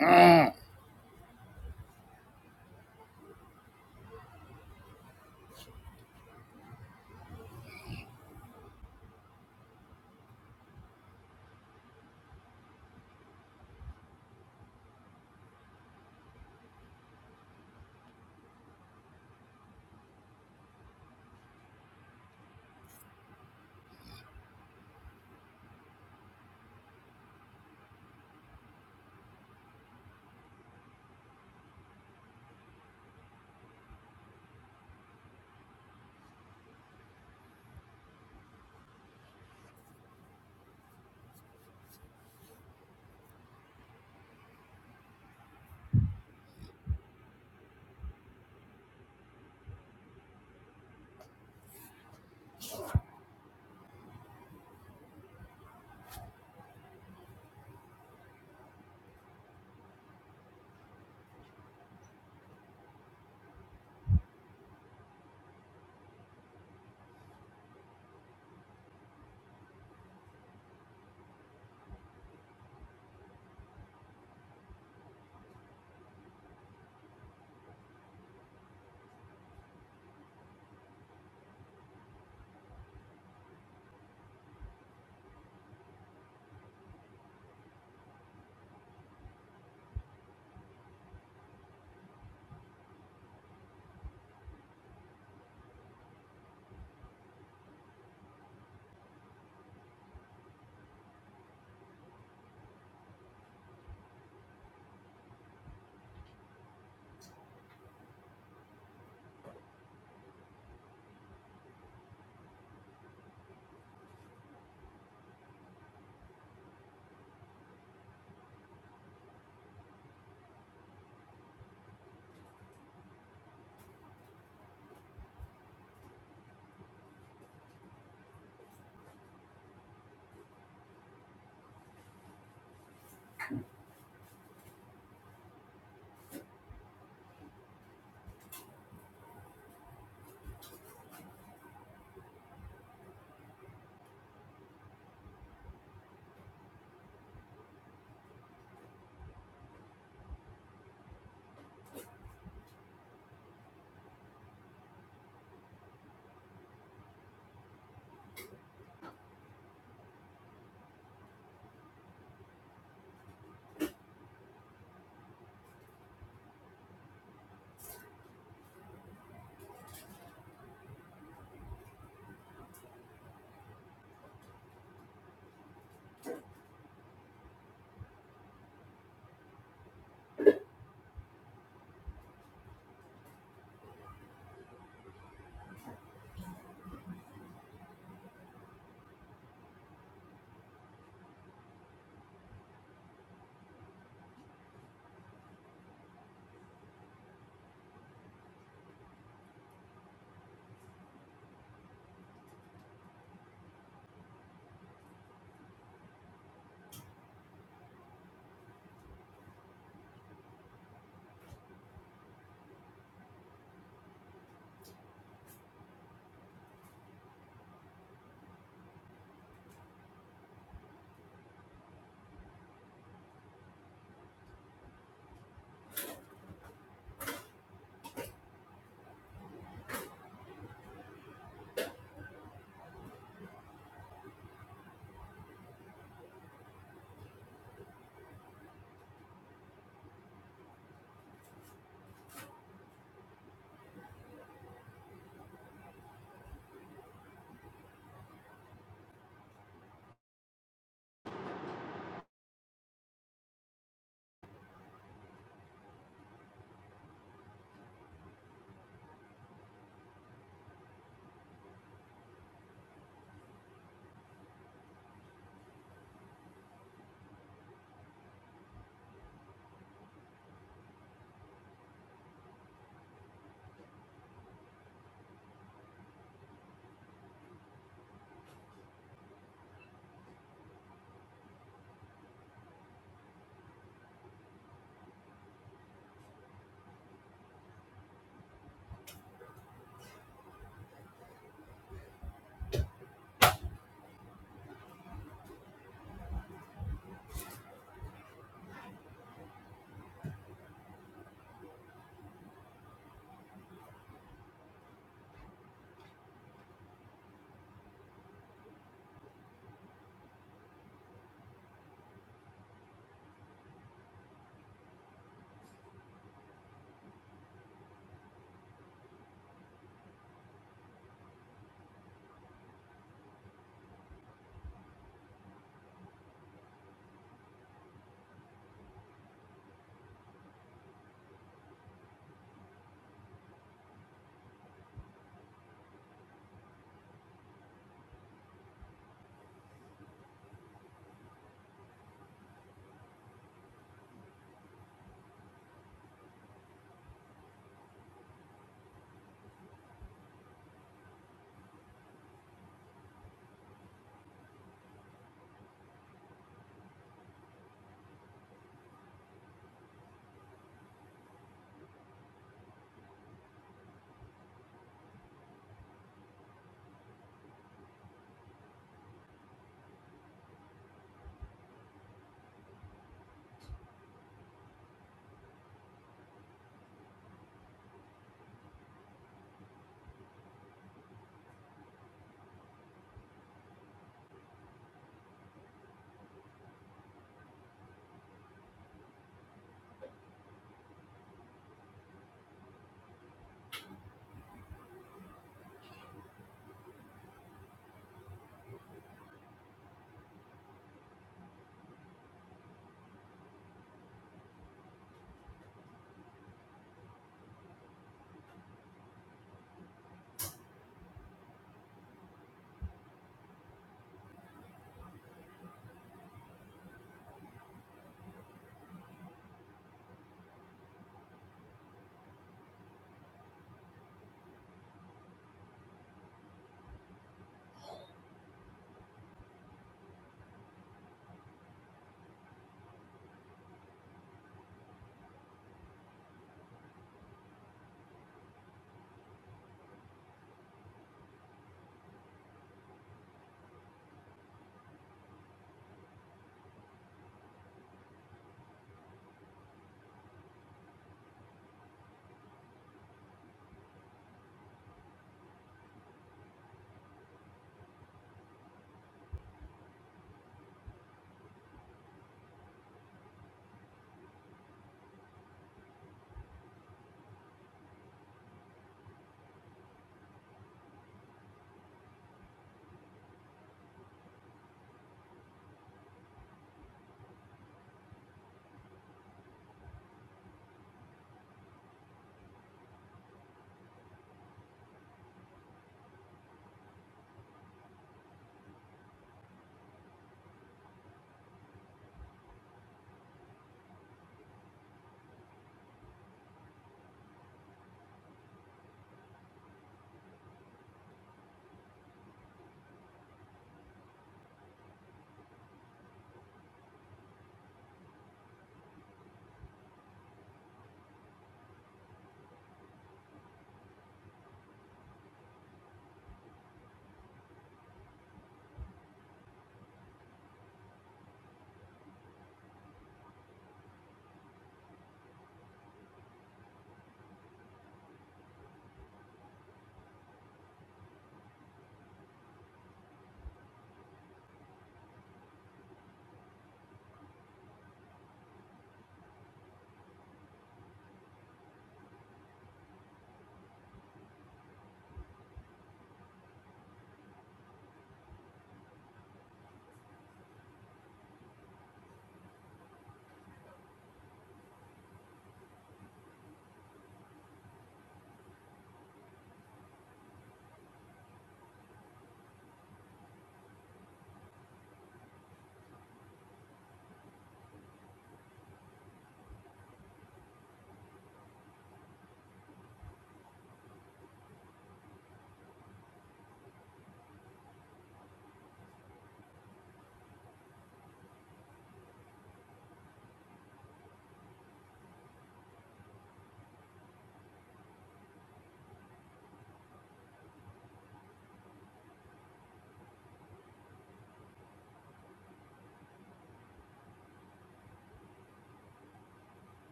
Mm.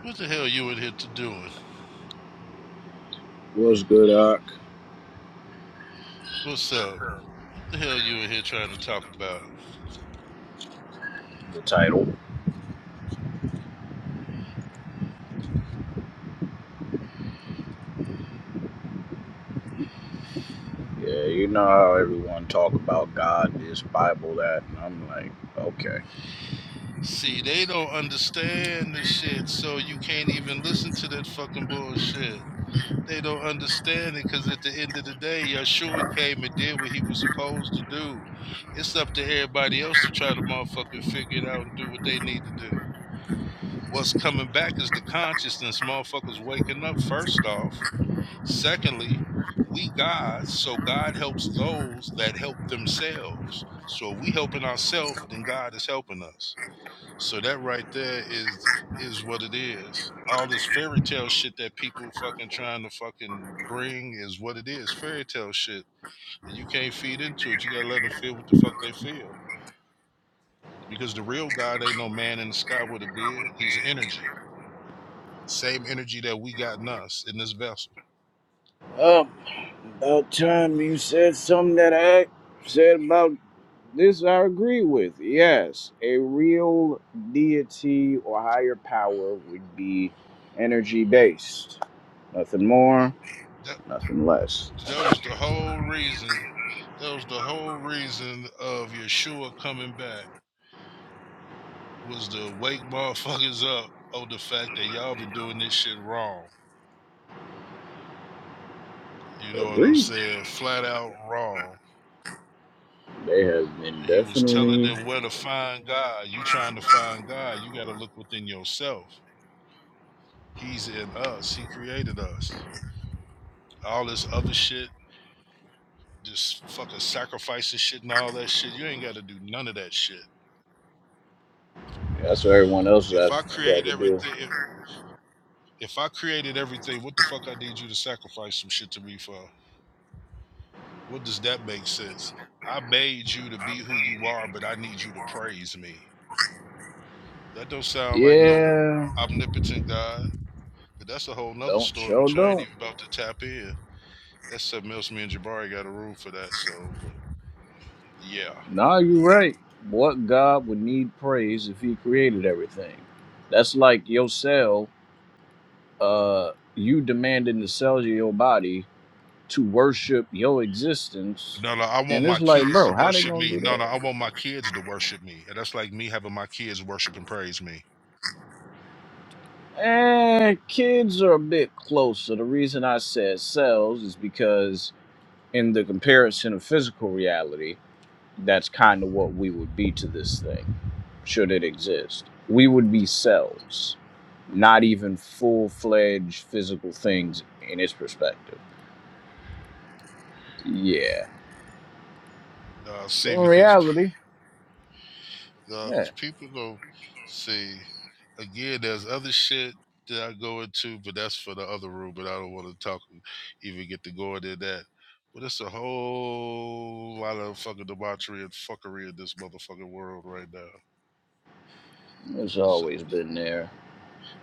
What the hell you in here to doing? What's good, Doc? What's up? What the hell you in here trying to talk about? Yeah, you know how everyone talk about God, this, Bible, that, and I'm like, okay. See, they don't understand this shit, so you can't even listen to that fucking bullshit. They don't understand it because at the end of the day, Yeshua came and did what he was supposed to do. It's up to everybody else to try to motherfucking figure it out and do what they need to do. What's coming back is the consciousness, motherfuckers waking up first off. Secondly, we God, so God helps those that help themselves. So if we helping ourselves, then God is helping us. So that right there is is what it is. All this fairy tale shit that people fucking trying to fucking bring is what it is. Fairy tale shit. You can't feed into it. You gotta let them feel what the fuck they feel. Because the real God ain't no man in the sky with a beard. He's energy. Same energy that we got in us in this vessel. Oh, about time you said something that I said about this I agree with. Yes, a real deity or higher power would be energy based. Nothing more, That nothing less. that was the whole reason That was the whole reason of Yeshua coming back was to wake motherfuckers up on the fact that y'all been doing this shit wrong. You know what I'm Agreed. saying? Flat out wrong. They have been He was telling definitely. them where to find God. You trying to find God, you got to look within yourself. He's in us. He created us. All this other shit, just fucking sacrificing shit and all that shit. You ain't got to do none of that shit. That's what everyone else If has I got create to do. everything, if, If I created everything, what the fuck I need you to sacrifice some shit to me for? What does that make sense? I made you to be who you are, but I need you to praise me. That don't sound like no Yeah, omnipotent God, but that's a whole nother Don't story, show which I ain't don't. even about to tap in. That's something else. Me and Jabari got a room for that, so but yeah. Nah, you're right. What God would need praise if he created everything? That's like your cell, uh, you demanding the cells of your body to worship your existence. No, no, I want And it's my like, kids to bro, how they worship gonna me. do No, no, that? I want my kids to worship me. And that's like me having my kids worship and praise me. Eh, kids are a bit closer. The reason I said cells is because in the comparison of physical reality, That's kind of what we would be to this thing, should it exist. We would be cells, not even full fledged physical things in its perspective. Yeah. Uh, So see, in because reality, yeah, because people go see again. There's other shit that I go into, but that's for the other room. But I don't want to talk, even get to go into that. But it's a whole lot of fucking debauchery and fuckery in this motherfucking world right now. it's So always been there.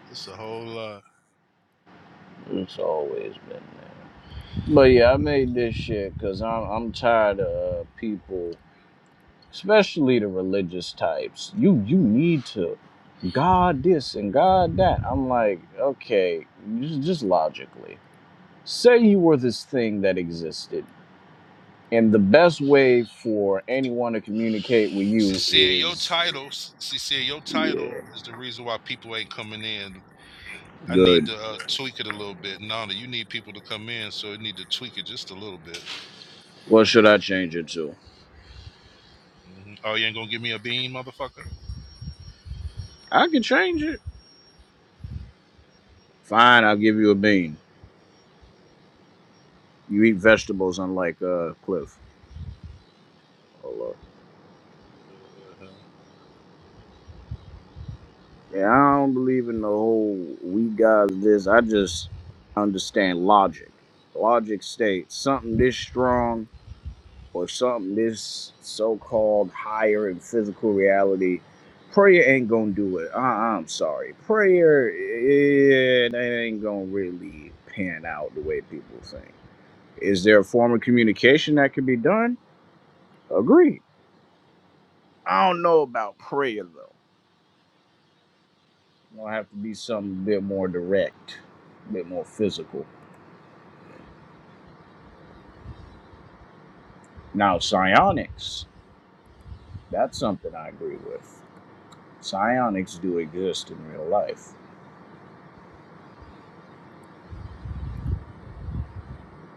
it's a whole lot. It's always been there. But yeah, I made this shit because I'm I'm tired of uh, people, especially the religious types. You you need to God this and God that. I'm like, okay, just, just logically. Say you were this thing that existed, and the best way for anyone to communicate with you Cecilia, your is, title, C- Cecilia, your title yeah, is the reason why people ain't coming in. I need good. to uh, tweak it a little bit. Nana, you need people to come in, so I need to tweak it just a little bit. What should I change it to? Mhm. Oh, you ain't gonna give me a bean, motherfucker. I can change it. Fine, I'll give you a bean. You eat vegetables, unlike uh, Cliff. Hold up. Uh-huh. Yeah, I don't believe in the whole we guys this. I just understand logic. Logic states something this strong or something this so-called higher and physical reality prayer ain't gonna do it I- i'm sorry prayer it ain't gonna really pan out the way people think is there a form of communication that can be done agreed i don't know about prayer though gonna have to be something a bit more direct a bit more physical now psionics that's something i agree with psionics do exist in real life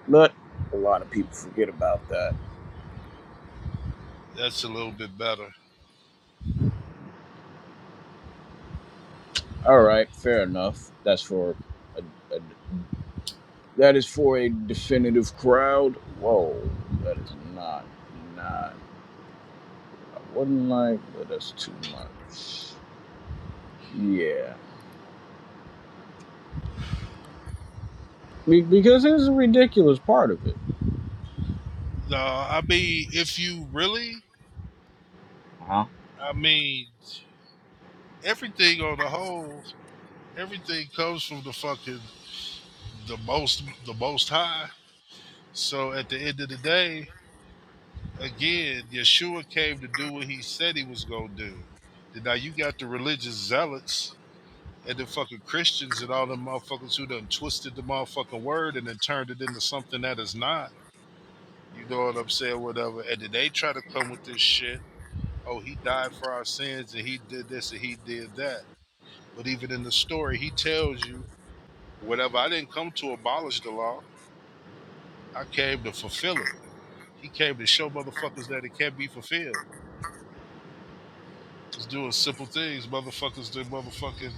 But a lot of people forget about that. That's a little bit better. All right, fair enough. That's for a, a that is for a definitive crowd. Whoa, that is not not. I wouldn't like, but that's too much. Yeah, Be, because it's a ridiculous part of it. No, I mean, if you really, Huh? I mean, everything on the whole, everything comes from the fucking the most, the most high. So at the end of the day, again, Yeshua came to do what he said he was gonna do. Then now you got the religious zealots and the fucking Christians and all the motherfuckers who done twisted the motherfucking word and then turned it into something that is not You know what I'm saying? Whatever. And then they try to come with this shit. Oh, he died for our sins and he did this and he did that. But even in the story, he tells you, whatever, I didn't come to abolish the law. I came to fulfill it. He came to show motherfuckers that it can be fulfilled. It's doing simple things. Motherfuckers do motherfucking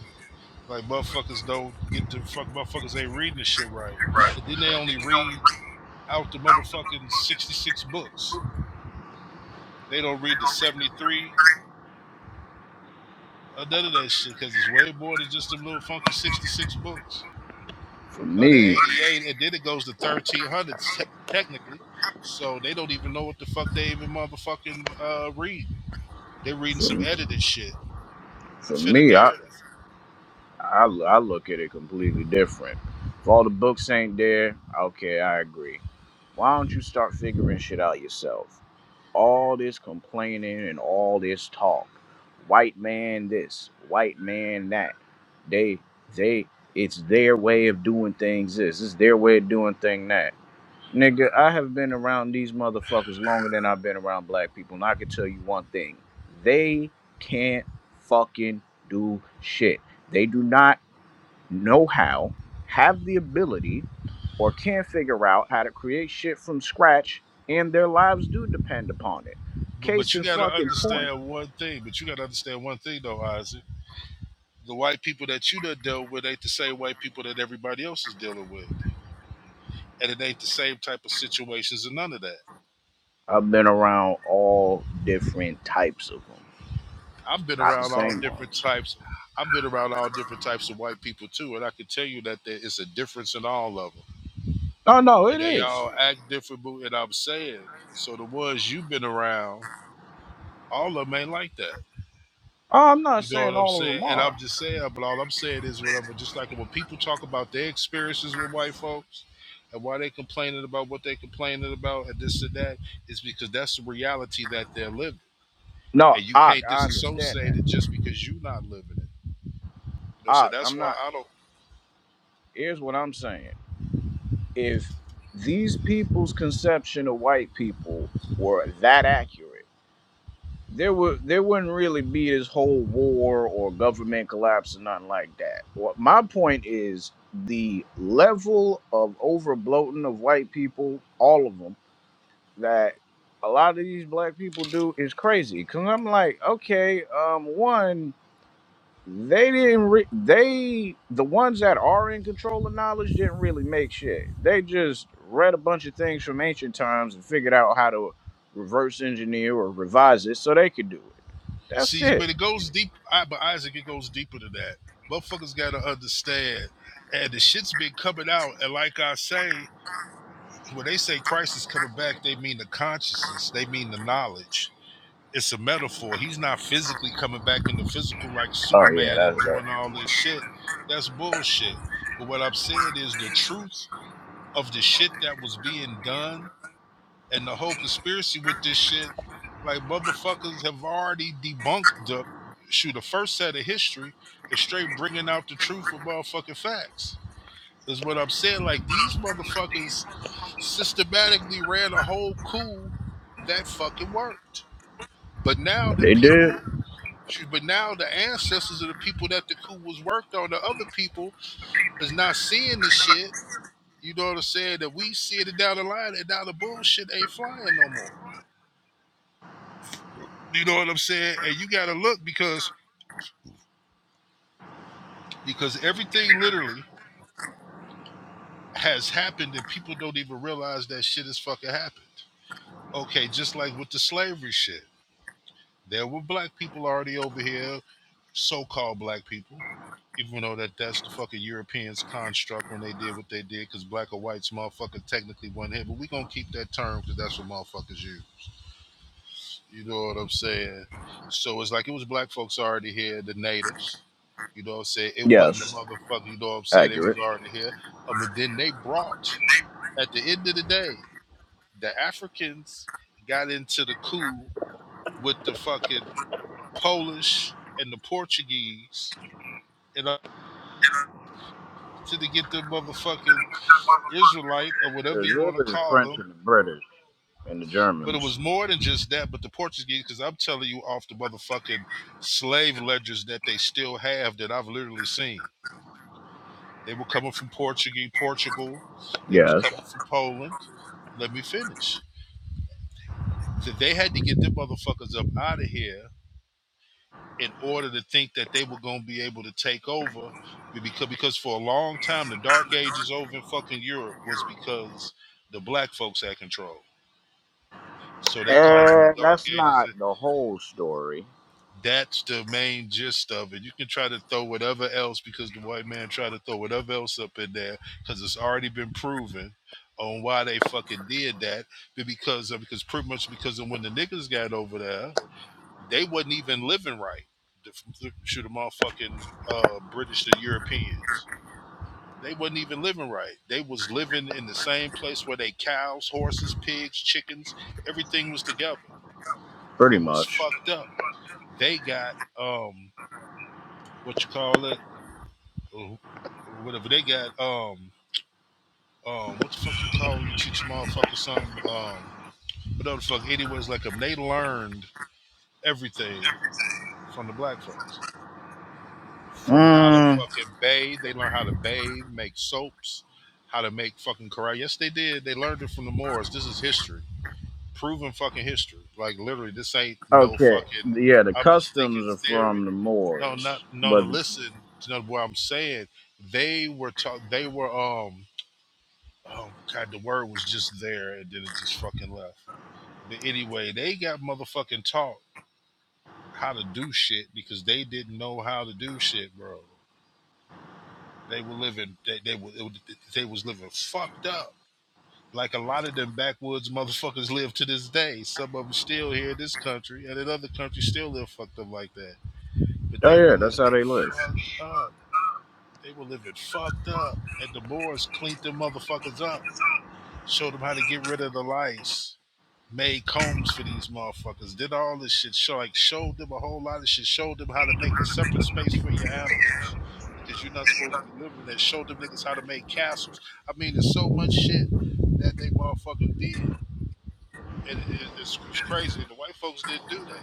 like motherfuckers don't get the fuck motherfuckers ain't reading the shit right. And then they only read out the motherfucking sixty six books. They don't read the seventy three or none of that shit because it's way more than just them little funky 66 books For or the me, 88 and then it goes to 1300s te- technically so they don't even know what the fuck they even motherfucking uh, read they're reading some for, edited shit to for fit a me, I narrative I, I look at it completely different. If all the books ain't there, okay, I agree. Why don't you start figuring shit out yourself? All this complaining and all this talk, white man this, white man that. They they it's their way of doing things this, it's their way of doing thing that. Nigga, I have been around these motherfuckers longer than I've been around black people, and I can tell you one thing. They can't fucking do shit. They do not know how, have the ability, or can figure out how to create shit from scratch, and their lives do depend upon it. but, Case but you in gotta fucking point. understand one thing but you gotta understand one thing though isaac the white people that you done dealt with ain't the same white people that everybody else is dealing with and it ain't the same type of situations and none of that I've been around all different types of them, I've been not the around all same different ones. types. I've been around all different types of white people too, and I can tell you that there is a difference in all of them, No, no, and it they is. all act different. but- And I'm saying, so the ones you've been around, all of them ain't like that. Oh, I'm not You know what saying I'm all of them saying? And I'm are. just saying, but all I'm saying is whatever. Just like when people talk about their experiences with white folks. And why they complaining about what they complaining about and this and that is because that's the reality that they're living, No, and you I, can't I understand disassociate that. it just because you're not living it. You know, so I, that's I'm why not. I don't. Here's what I'm saying. If these people's conception of white people were that accurate, there would there wouldn't really be this whole war or government collapse or nothing like that. What my point is the level of overbloating of white people, all of them, that a lot of these black people do is crazy. Cause I'm like, okay, um, one. They didn't. Re- they the ones that are in control of knowledge didn't really make shit. They just read a bunch of things from ancient times and figured out how to reverse engineer or revise it so they could do it. That's See, it. but it goes deep. I, but Isaac, it goes deeper than that. Motherfuckers gotta understand, and the shit's been coming out. And like I say, when they say Christ is coming back, they mean the consciousness. They mean the knowledge. It's a metaphor. He's not physically coming back in the physical like Oh yeah, Superman that's and doing that. all this shit. That's bullshit. But what I'm saying is the truth of the shit that was being done and the whole conspiracy with this shit, like motherfuckers have already debunked the shoot the first set of history and straight bringing out the truth with motherfucking facts. Is what I'm saying. Like these motherfuckers systematically ran a whole coup that fucking worked. But now the They did. people, shoot, but now the ancestors of the people that the coup was worked on, the other people is not seeing this shit. You know what I'm saying? That we see it down the line, and now the bullshit ain't flying no more. You know what I'm saying? And you gotta look because because everything literally has happened and people don't even realize that shit has fucking happened. Okay, just like with the slavery shit. There were black people already over here, so-called black people, even though that that's the fucking Europeans construct when they did what they did, because black or whites motherfucker technically wasn't here, but we gonna keep that term because that's what motherfuckers use You know what I'm saying? So it's like it was black folks already here, the natives. You know what I'm saying? It wasn't the Yes, motherfucker, you know what I'm saying? It was accurate. already here. Um, and then they brought, at the end of the day, the Africans got into the coup with the fucking Polish and the Portuguese and uh, to get the motherfucking Israelite or It whatever was you want to really the call French them and the British and the But it Germans. was more than just that. But the Portuguese, because I'm telling you, off the motherfucking slave ledgers that they still have that I've literally seen, they were coming from Portuguese, Portugal. They was Yes. coming from Poland. Let me finish. That they had to get them motherfuckers up out of here in order to think that they were gonna be able to take over. Because because for a long time the Dark Ages over in fucking Europe was because the black folks had control. So they called them the And Dark that's Ages not the whole story. That's the main gist of it. You can try to throw whatever else because the white man tried to throw whatever else up in there because it's already been proven on why they fucking did that. But because of because pretty much because of when the niggas got over there, they wasn't even living right. The, the, shoot the motherfucking uh, British the Europeans. They wasn't even living right. They was living in the same place where they cows, horses, pigs, chickens, everything was together. Pretty It was much. fucked up. They got um what you call it, or whatever they got. Um, um, what the fuck you call when you teach a motherfucker something? Um, whatever the fuck. anyway, Anyways, like them, they learned everything from the black folks, from how to Mm. fucking bathe. They learned how to bathe, make soaps, how to make fucking corral. Yes, they did. They learned it from the Moors. This is history, proven fucking history. Like literally, this ain't no Okay, fucking. yeah, the I'm just thinking customs are theory. from the No, Moors, not no. no. but listen, to what I'm saying they were taught they were um Oh God, the word was just there and then it just fucking left. But anyway, they got motherfucking taught how to do shit because they didn't know how to do shit, bro. They were living, they they were, they was living fucked up. Like a lot of them backwoods motherfuckers live to this day. Some of them still here in this country, and in other countries still live fucked up like that. But oh they were yeah, that's how living they live. fucked up. They were living fucked up, and the Moors cleaned them motherfuckers up, showed them how to get rid of the lice made combs for these motherfuckers, did all this shit, show, like showed them a whole lot of shit, showed them how to make a separate space for your animals because you're not supposed to be living in that. Showed them niggas how to make castles. I mean, there's so much shit that they motherfucking did, and it, it, it's, it's crazy. And the white folks didn't do that.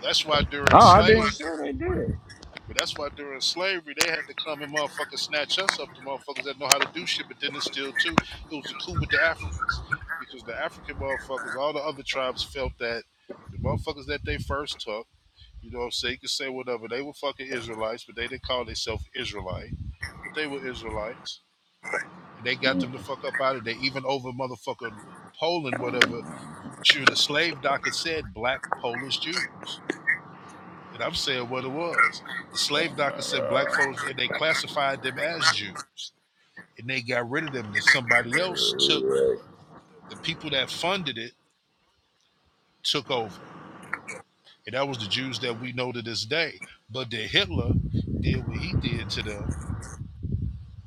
That's why Oh, during I slavery didn't say they did. but that's why during slavery they had to come and motherfuckers snatch us up, the motherfuckers that know how to do shit, but didn't steal too. It was a coup with the Africans. Because the African motherfuckers, all the other tribes felt that the motherfuckers that they first took, you know what I'm saying, you could say whatever, they were fucking Israelites, but they didn't call themselves Israelite. But they were Israelites. And they got Mm-mm. them to fuck up out of there, even over motherfucking Poland, whatever. Sure, the slave docket said black Polish Jews and I'm saying what it was. The slave doctor said black folks, and they classified them as Jews, and they got rid of them. Then somebody else took the people that funded it took over, and that was the Jews that we know to this day. But then Hitler did what he did to them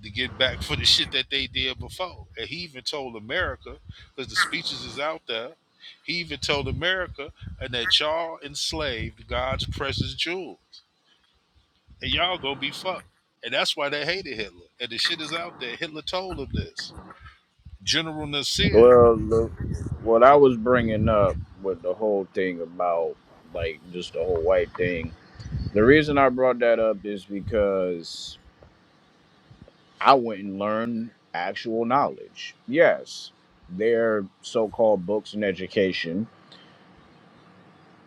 to get back for the shit that they did before, and he even told America, because the speeches is out there. He even told America, and that y'all enslaved God's precious jewels. and y'all gonna be fucked. And that's why they hated Hitler. And the shit is out there. Hitler told him this. General Nasir, Well, the, what I it- was bringing up with the whole thing about like just the whole white thing. The reason I brought that up is because I went and learned actual knowledge. Yes, their so-called books and education.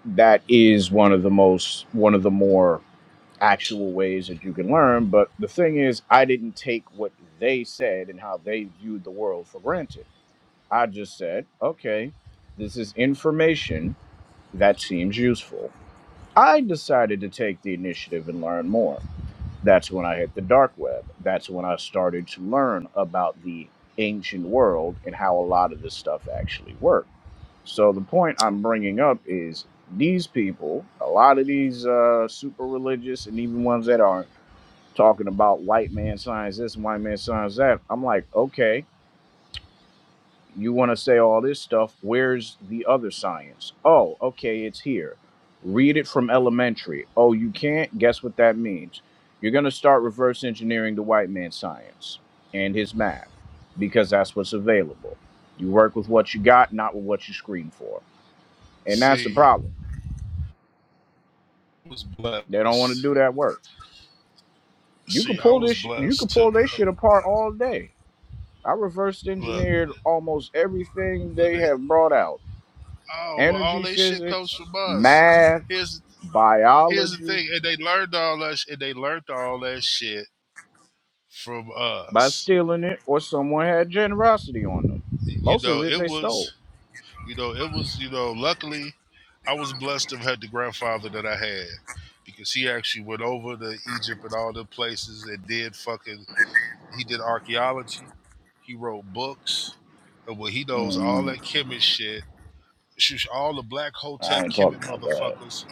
That is one of the most one of the more actual ways that you can learn. But the thing is, I didn't take what they said and how they viewed the world for granted. I just said, okay, this is information that seems useful. I decided to take the initiative and learn more. That's when I hit the dark web. That's when I started to learn about the ancient world and how a lot of this stuff actually worked. So the point I'm bringing up is these people, a lot of these uh, super religious and even ones that aren't, talking about white man signs this and white man signs that. I'm like, okay, you want to say all this stuff. Where's the other science? Oh, okay, it's here. Read it from elementary. Oh, you can't? Guess what that means? You're going to start reverse engineering the white man's science and his math because that's what's available. You work with what you got, not with what you scream for. And that's the see, problem. was They don't want to blessed. do that work. You can See, I pull was this sh- you can blessed pull to have this shit apart all day. I reversed look. engineered almost everything they have brought out Oh well, all energy that shit comes physics, from us. math, Here's here's the biology thing, and they learned all that, and they learned all that shit from by us. stealing it, or someone had generosity on them. You Most of know, it it they was stole. You know, it was, you know, luckily I was blessed to have had the grandfather that I had because he actually went over to Egypt and all the places and did fucking, he did archaeology, he wrote books, and what he knows, all Mm, that Kemet shit, shush, all the black I Hotep ain't talking Kemet about that. motherfuckers.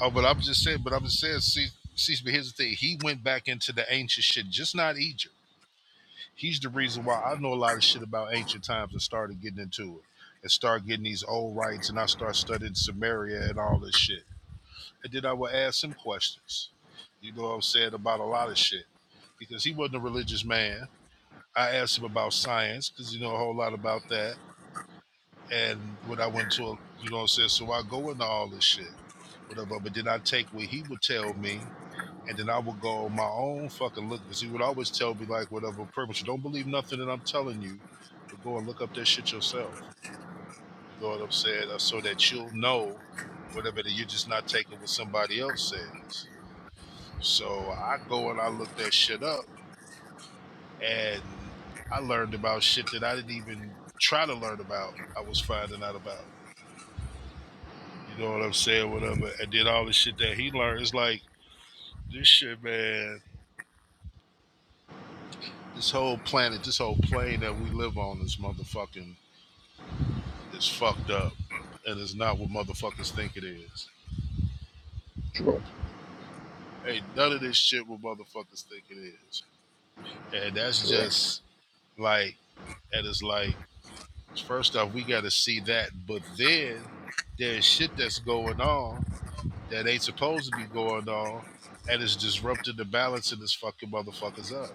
Oh, but I'm just saying, but I'm just saying, see, see, but here's the thing. He went back into the ancient shit, just not Egypt. He's the reason why I know a lot of shit about ancient times and started getting into it and start getting these old rites and I start studying Samaria and all this shit. And then I would ask him questions. You know what I'm saying about a lot of shit because he wasn't a religious man. I asked him about science because you know a whole lot about that. And when I went to, a, you know what I'm saying? So I go into all this shit, whatever. But then I take what he would tell me and then I would go my own fucking look because he would always tell me like whatever purpose don't believe nothing that I'm telling you, but go and look up that shit yourself. You know what I'm saying? Uh, So that you'll know whatever that you're just not taking what somebody else says. So I go and I look that shit up and I learned about shit that I didn't even try to learn about. I was finding out about. You know what I'm saying? Whatever. And then all the shit that he learned is like this shit, man this whole planet, this whole plane that we live on is motherfucking is fucked up and it's not what motherfuckers think it is. True, Hey, none of this shit what motherfuckers think it is. And that's true. just like and it's like first off we gotta see that, but then there's shit that's going on that ain't supposed to be going on and it's disrupting the balance in this fucking motherfuckers up.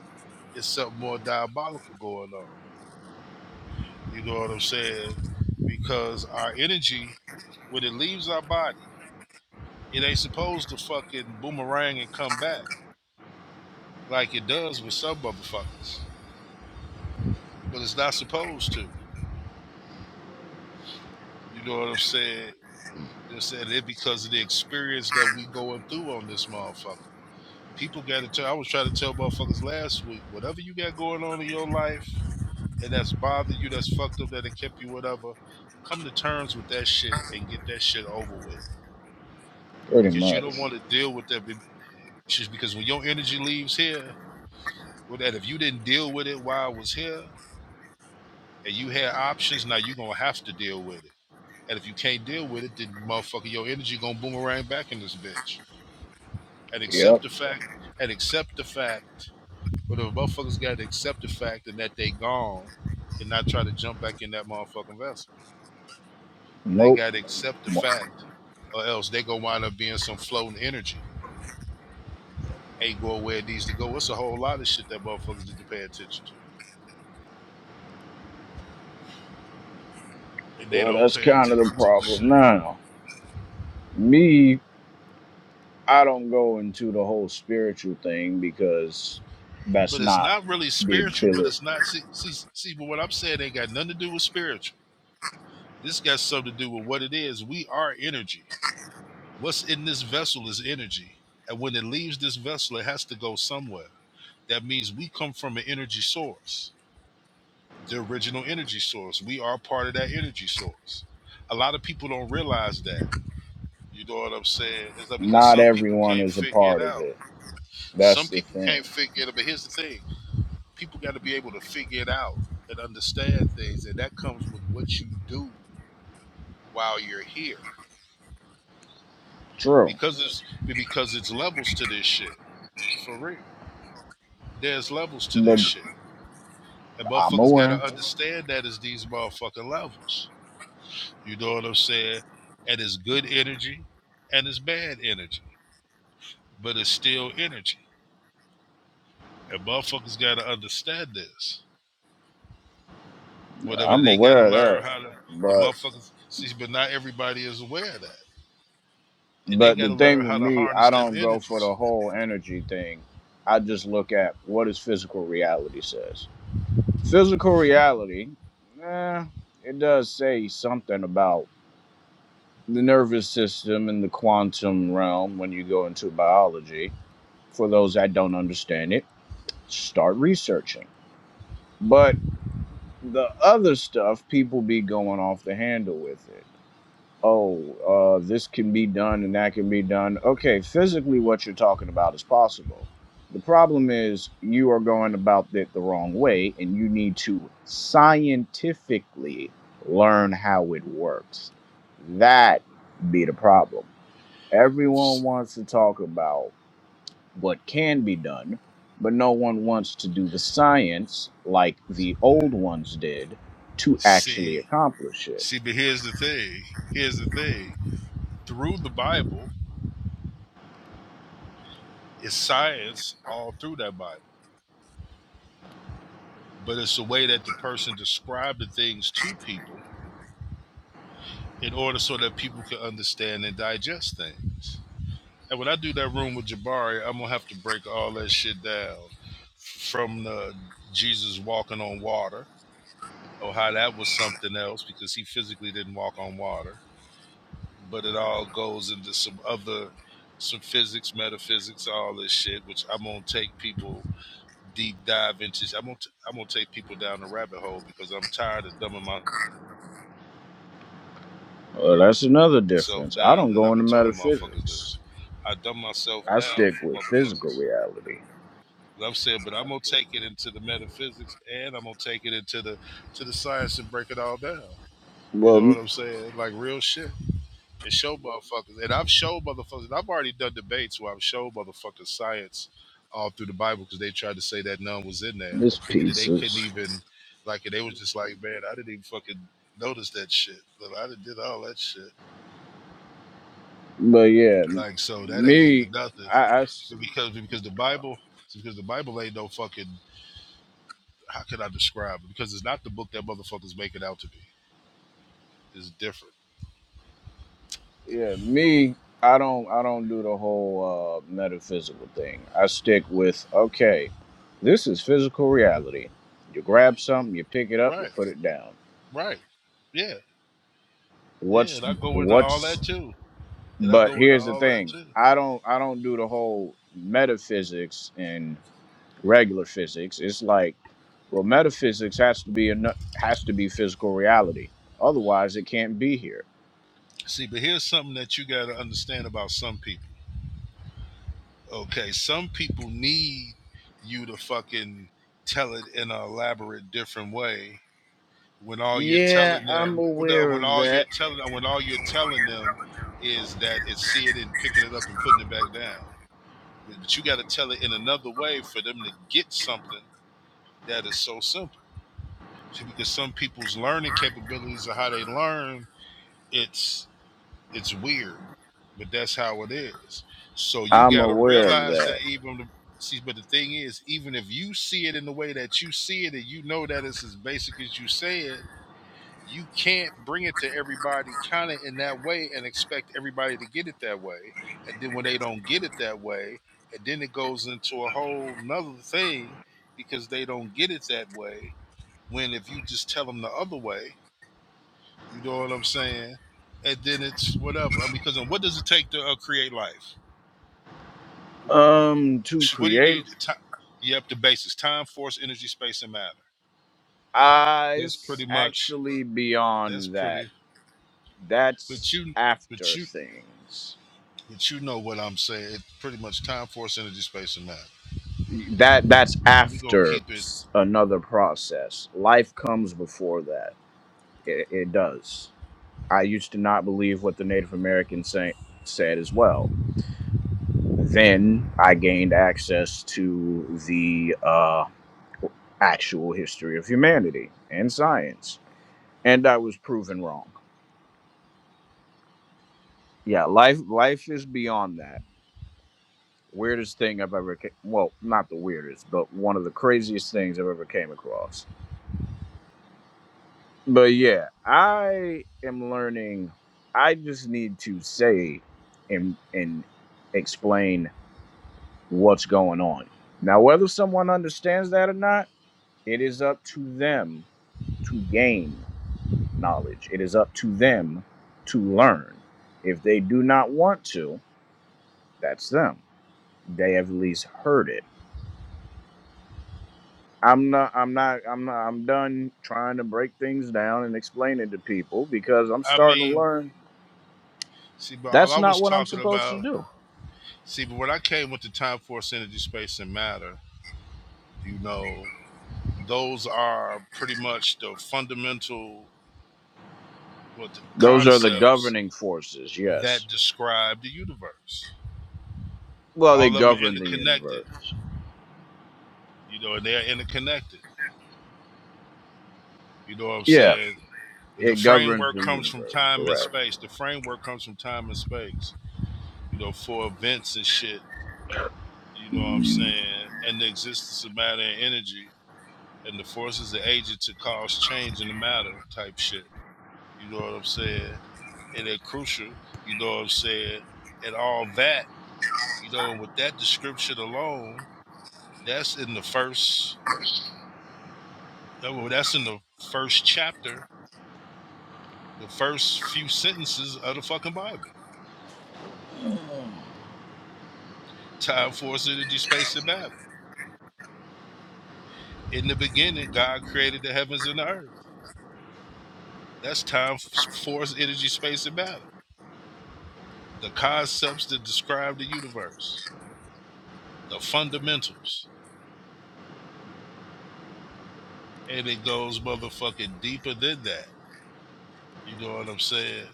It's something more diabolical going on. You know what I'm saying? Because our energy, when it leaves our body, it ain't supposed to fucking boomerang and come back like it does with some motherfuckers. But it's not supposed to. You know what I'm saying? You know what I'm saying? It's because of the experience that we going through on this motherfucker. People got to tell. I was trying to tell motherfuckers last week, whatever you got going on in your life and that's bothered you, that's fucked up, that it kept you, whatever, come to terms with that shit and get that shit over with Pretty because you don't much. want to deal with that. It's just because when your energy leaves here, with that, if you didn't deal with it while I was here and you had options, now you're gonna have to deal with it. And if you can't deal with it, then motherfucker, your energy gonna boomerang back in this bitch. And accept Yep. the fact and accept the fact, but the motherfuckers gotta accept the fact and that they gone and not try to jump back in that motherfucking vessel. They Nope. gotta accept the fact or else they gonna wind up being some floating energy. Ain't going where it needs to go. It's a whole lot of shit that motherfuckers need to pay attention to. and they Well, don't that's pay kind of the attention to the shit. problem now. Me, I don't go into the whole spiritual thing because that's But it's not not really the spiritual, ability. but it's not see see see but what I'm saying ain't got nothing to do with spiritual. This got something to do with what it is. We are energy. What's in this vessel is energy. And when it leaves this vessel, it has to go somewhere. That means we come from an energy source, the original energy source. We are part of that energy source. A lot of people don't realize that. You know what I'm saying? It's like because Not some people everyone can't is a figure it part of out. it. That's Some the people thing. can't figure it out. But here's the thing people got to be able to figure it out and understand things and that comes with what you do while you're here True. because it's because it's levels to this shit for real there's levels to But this shit and I'm motherfuckers got aware. to understand that that is these motherfucking levels you know what i'm saying and it's good energy and it's bad energy but it's still energy and motherfuckers got to understand this whatever I'm they got to aware of that. learn how to the But motherfuckers see but not everybody is aware of that and they but got the to thing learn with how to me, I harness them don't go for energies. the whole energy thing. I just look at what does physical reality says. Physical reality, eh, it does say something about the nervous system and the quantum realm when you go into biology. For those that don't understand it, start researching. But. the other stuff people be going off the handle with it oh uh, this can be done and that can be done okay physically what you're talking about is possible the problem is you are going about it the wrong way and you need to scientifically learn how it works that be the problem everyone wants to talk about what can be done, but no one wants to do the science like the old ones did to actually See, accomplish it. see, but here's the thing. Here's the thing. Through the Bible, it's science all through that Bible, but it's the way that the person described the things to people in order so that people can understand and digest things. And when I do that room with Jabari, I'm gonna have to break all that shit down from the Jesus walking on water, or how that was something else because he physically didn't walk on water but it all goes into some other some physics, metaphysics, all this shit, which I'm gonna take people deep dive into. I'm gonna t- I'm gonna take people down the rabbit hole because I'm tired of dumbing Well, that's another myself difference. I don't down, and go I've into been telling motherfuckers metaphysics. this. I dumb myself I down stick for with physical motherfuckers. reality. But I'm saying, but I'm gonna take it into the metaphysics, and I'm gonna take it into the to the science and break it all down. You Well, know what m- I'm saying? Like real shit. and show motherfuckers. And I've showed motherfuckers. And I've already done debates where I've showed motherfuckers science all through the Bible because they tried to say that none was in there, this and that they couldn't pieces, even like. And they was just like, man, I didn't even fucking notice that shit. But I done did all that shit. but yeah, Like so, that ain't me, even nothing. I, I s- But because because the uh, Bible. it's Because the Bible ain't no fucking how can I describe it? Because it's not the book that motherfuckers make it out to be. It's different. Yeah, me, I don't I don't do the whole uh metaphysical thing. I stick with okay, this is physical reality. You grab something, you pick it up, you Right, put it down. right. Yeah, yeah. What's And I go into all that what's too. And I but go into here's the all that thing. too. I don't I don't do the whole metaphysics and regular physics. It's like well, metaphysics has to be a, has to be physical reality. Otherwise, it can't be here. See, but here's something that you got to understand about some people. Okay, some people need you to fucking tell it in an elaborate, different way. When all you're Yeah, telling I'm them, well, no, aware when uh, of all you're that. telling when all you're telling them is that it's seeing it and picking it up and putting it back down. But you got to tell it in another way for them to get something that is so simple. Because some people's learning capabilities of how they learn, it's It's weird, but that's how it is. So you I'm got to aware of realize that. that even the, see, but the thing is, even if you see it in the way that you see it, and you know that it's as basic as you said, you can't bring it to everybody kind of in that way and expect everybody to get it that way. And then when they don't get it that way, and then it goes into a whole nother thing because they don't get it that way. When if you just tell them the other way, you know what I'm saying? And then it's whatever. I mean, because then what does it take to uh, create life? Um, to What do you create, need? Ti- You have the basics: time, force, energy, space, and matter. uh, That's it's pretty much. actually That's beyond that. pretty. But That's you, but after you, things. but you know what I'm saying? It's pretty much time, force, energy, space, and matter. That that's Look, we gonna after keep it. s- another process. Life comes before that. It, it does. I used to not believe what the Native American say, said as well. Then I gained access to the uh, actual history of humanity and science, and I was proven wrong. Yeah, life life is beyond that. Weirdest thing I've ever ca- well, not the weirdest, but one of the craziest things I've ever came across. But yeah, I am learning. I just need to say and and explain what's going on. Now, whether someone understands that or not, it is up to them to gain knowledge. It is up to them to learn. If they do not want to, that's them. They have at least heard it I'm not. I'm not. I'm not. I'm done trying to break things down and explain it to people because I'm I starting to mean, learn see, but all that's I was not what I'm talking supposed to about, do. see, but when I came with the time, force, energy, space, and matter, you know, those are pretty much the fundamental, what the Those are the concepts governing forces. that Yes. describe the universe. Well, All they of them are govern the interconnected, universe. you know, and they're interconnected. You know what I'm Yeah, saying? The it governs framework the comes from universe. time and Correct. space. The framework comes from time and space, you know, for events and shit, you know what I'm Mm. saying? And the existence of matter and energy and the forces that agent to cause change in the matter type shit. You know what I'm saying? And they're crucial, you know what I'm saying? And all that, you know, and with that description alone, that's in the first Oh, Well, that's in the first chapter, the first few sentences of the fucking Bible. Time force, energy, space and matter. In the beginning, God created the heavens and the earth. That's time, force, energy, space, and matter. The concepts that describe the universe, the fundamentals. And it goes motherfucking deeper than that. You know what I'm saying?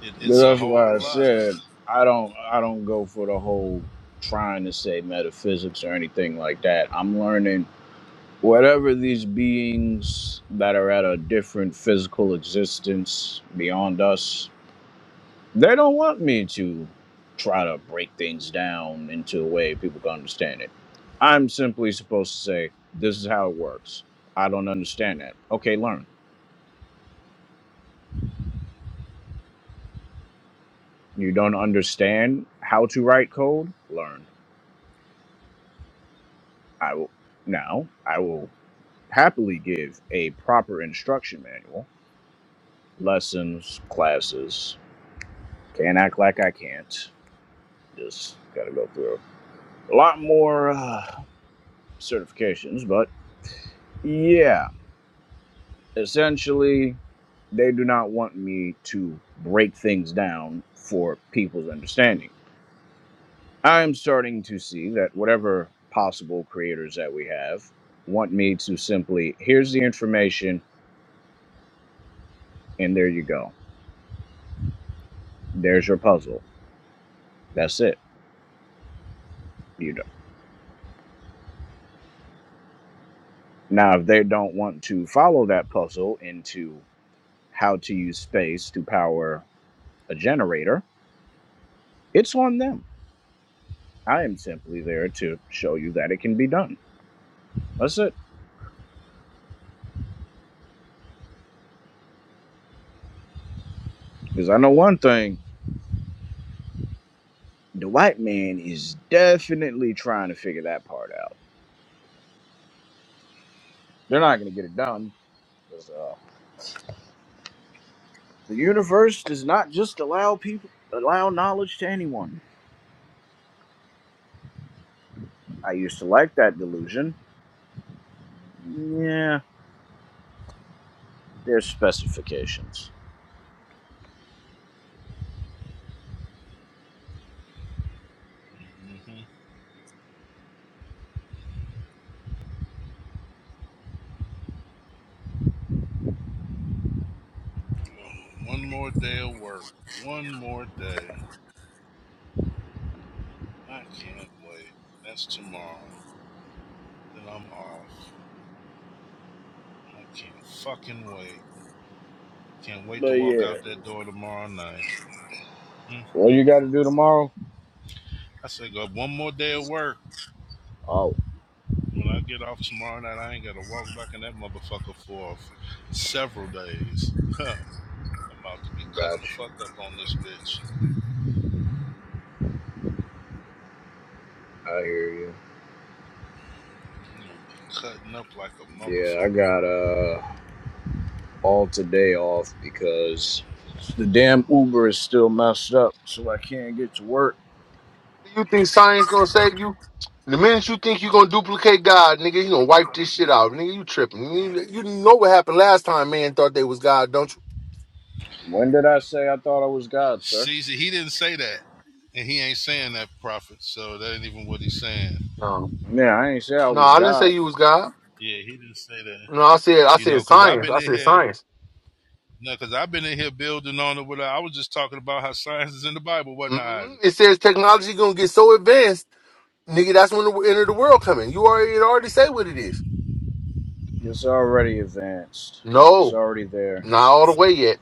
It, it's a That's whole why I lot. said I don't. I don't go for the whole trying to say metaphysics or anything like that. I'm learning whatever these beings that are at a different physical existence beyond us, they don't want me to try to break things down into a way people can understand it. I'm simply supposed to say, this is how it works. I don't understand that. Okay, learn. You don't understand how to write code? Learn. I will now, I will happily give a proper instruction manual, lessons, classes. Can't act like I can't Just got to go through a lot more uh, certifications, but yeah, essentially, they do not want me to break things down for people's understanding. I'm starting to see that whatever possible creators that we have want me to simply, here's the information, and there you go. There's your puzzle. That's it. You know. Now, if they don't want to follow that puzzle into how to use space to power a generator, it's on them. I am simply there to show you that it can be done. That's it. Because I know one thing the white man is definitely trying to figure that part out. They're not going to get it done. 'cause, uh, the universe does not just allow people, allow knowledge to anyone. I used to like that delusion. Yeah, there's specifications. hmm One more day of work. One more day. I can't wait. That's tomorrow. Then I'm off. I can't fucking wait. Can't wait to But walk yeah, out that door tomorrow night. Mm-mm. what you got to do tomorrow? I said, go one more day of work. Oh, When I get off tomorrow night, I ain't got to walk back in that motherfucker for several days. I'm about to be got cutting the fuck you. up on this bitch. I hear you. I'm going to be cutting up like a Yeah, I motherfucker. got. uh, all today off because the damn Uber is still messed up, so I can't get to work. You think science gonna save you? The minute you think you gonna duplicate God, nigga, you gonna wipe this shit out, nigga. You tripping? You, you know what happened last time? Man thought they was God, don't you? When did I say I thought I was God, sir? Caesar, he didn't say that. And he ain't saying that, prophet. So that ain't even what he's saying. No, Yeah, I ain't say I no, was I didn't say God. you was God. Yeah, he didn't say that. No, I said I You said know, because I've science. been I in said here. science. No, because I've been in here building on it. What I was just talking about how science is in the Bible, wasn't I, Isaac? hmm It says technology gonna get so advanced, nigga. That's when the end of the world coming. You already it already say what it is. It's already advanced. It's No, already there. not all the way yet.